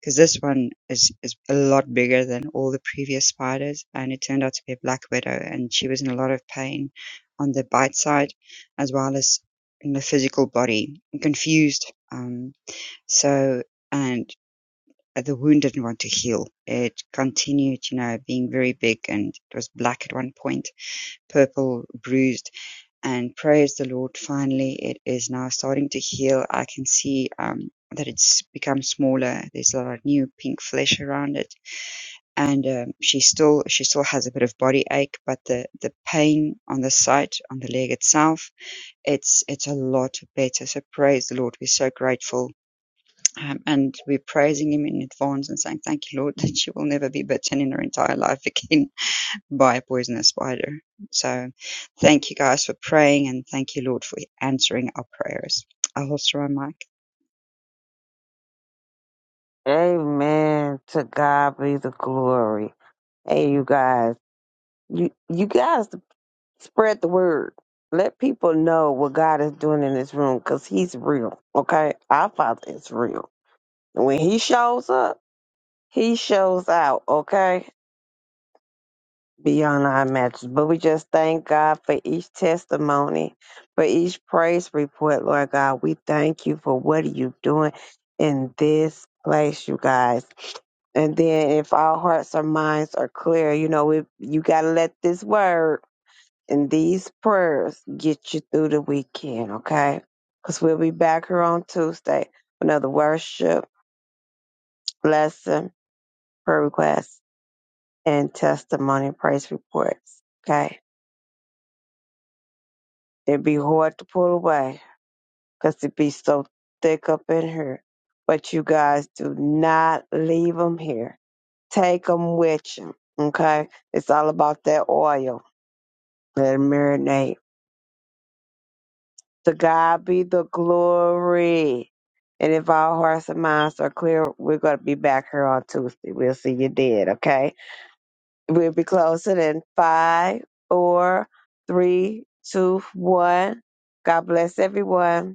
Speaker 4: because this one is is a lot bigger than all the previous spiders, and it turned out to be a black widow, and she was in a lot of pain on the bite side, as well as in the physical body, and confused. Um, so and uh, the wound didn't want to heal. It continued, you know, being very big, and it was black at one point, purple, bruised and praise the Lord, finally it is now starting to heal. I can see um, that it's become smaller. There's a lot of new pink flesh around it, and um, she still she still has a bit of body ache, but the the pain on the site on the leg itself, it's it's a lot better. So praise the Lord. We're so grateful. Um, and we're praising him in advance and saying, Thank you, Lord, [laughs] that she will never be bitten in her entire life again by a poisonous spider. So thank you guys for praying and thank you, Lord, for answering our prayers. I'll hold my mic.
Speaker 1: Amen. To God be the glory. Hey, you guys. You you guys spread the word. Let people know what God is doing in this room because He's real. Okay, our Father is real. And when He shows up, He shows out. Okay, beyond our matches. But we just thank God for each testimony, for each praise report, Lord God. We thank you for what you are doing in this place, you guys. And then if our hearts or minds are clear, you know, we you gotta let this word. And these prayers get you through the weekend, okay? Because we'll be back here on Tuesday for another worship, lesson, prayer requests, and testimony and praise reports, okay? It'd be hard to pull away because it'd be so thick up in here. But you guys do not leave them here. Take them with you, okay? It's all about that oil. Let it marinate To God be the glory. And if our hearts and minds are clear, we're going to be back here on Tuesday. We'll see you then, okay? We'll be closing in five, four, three, two, one. God bless everyone.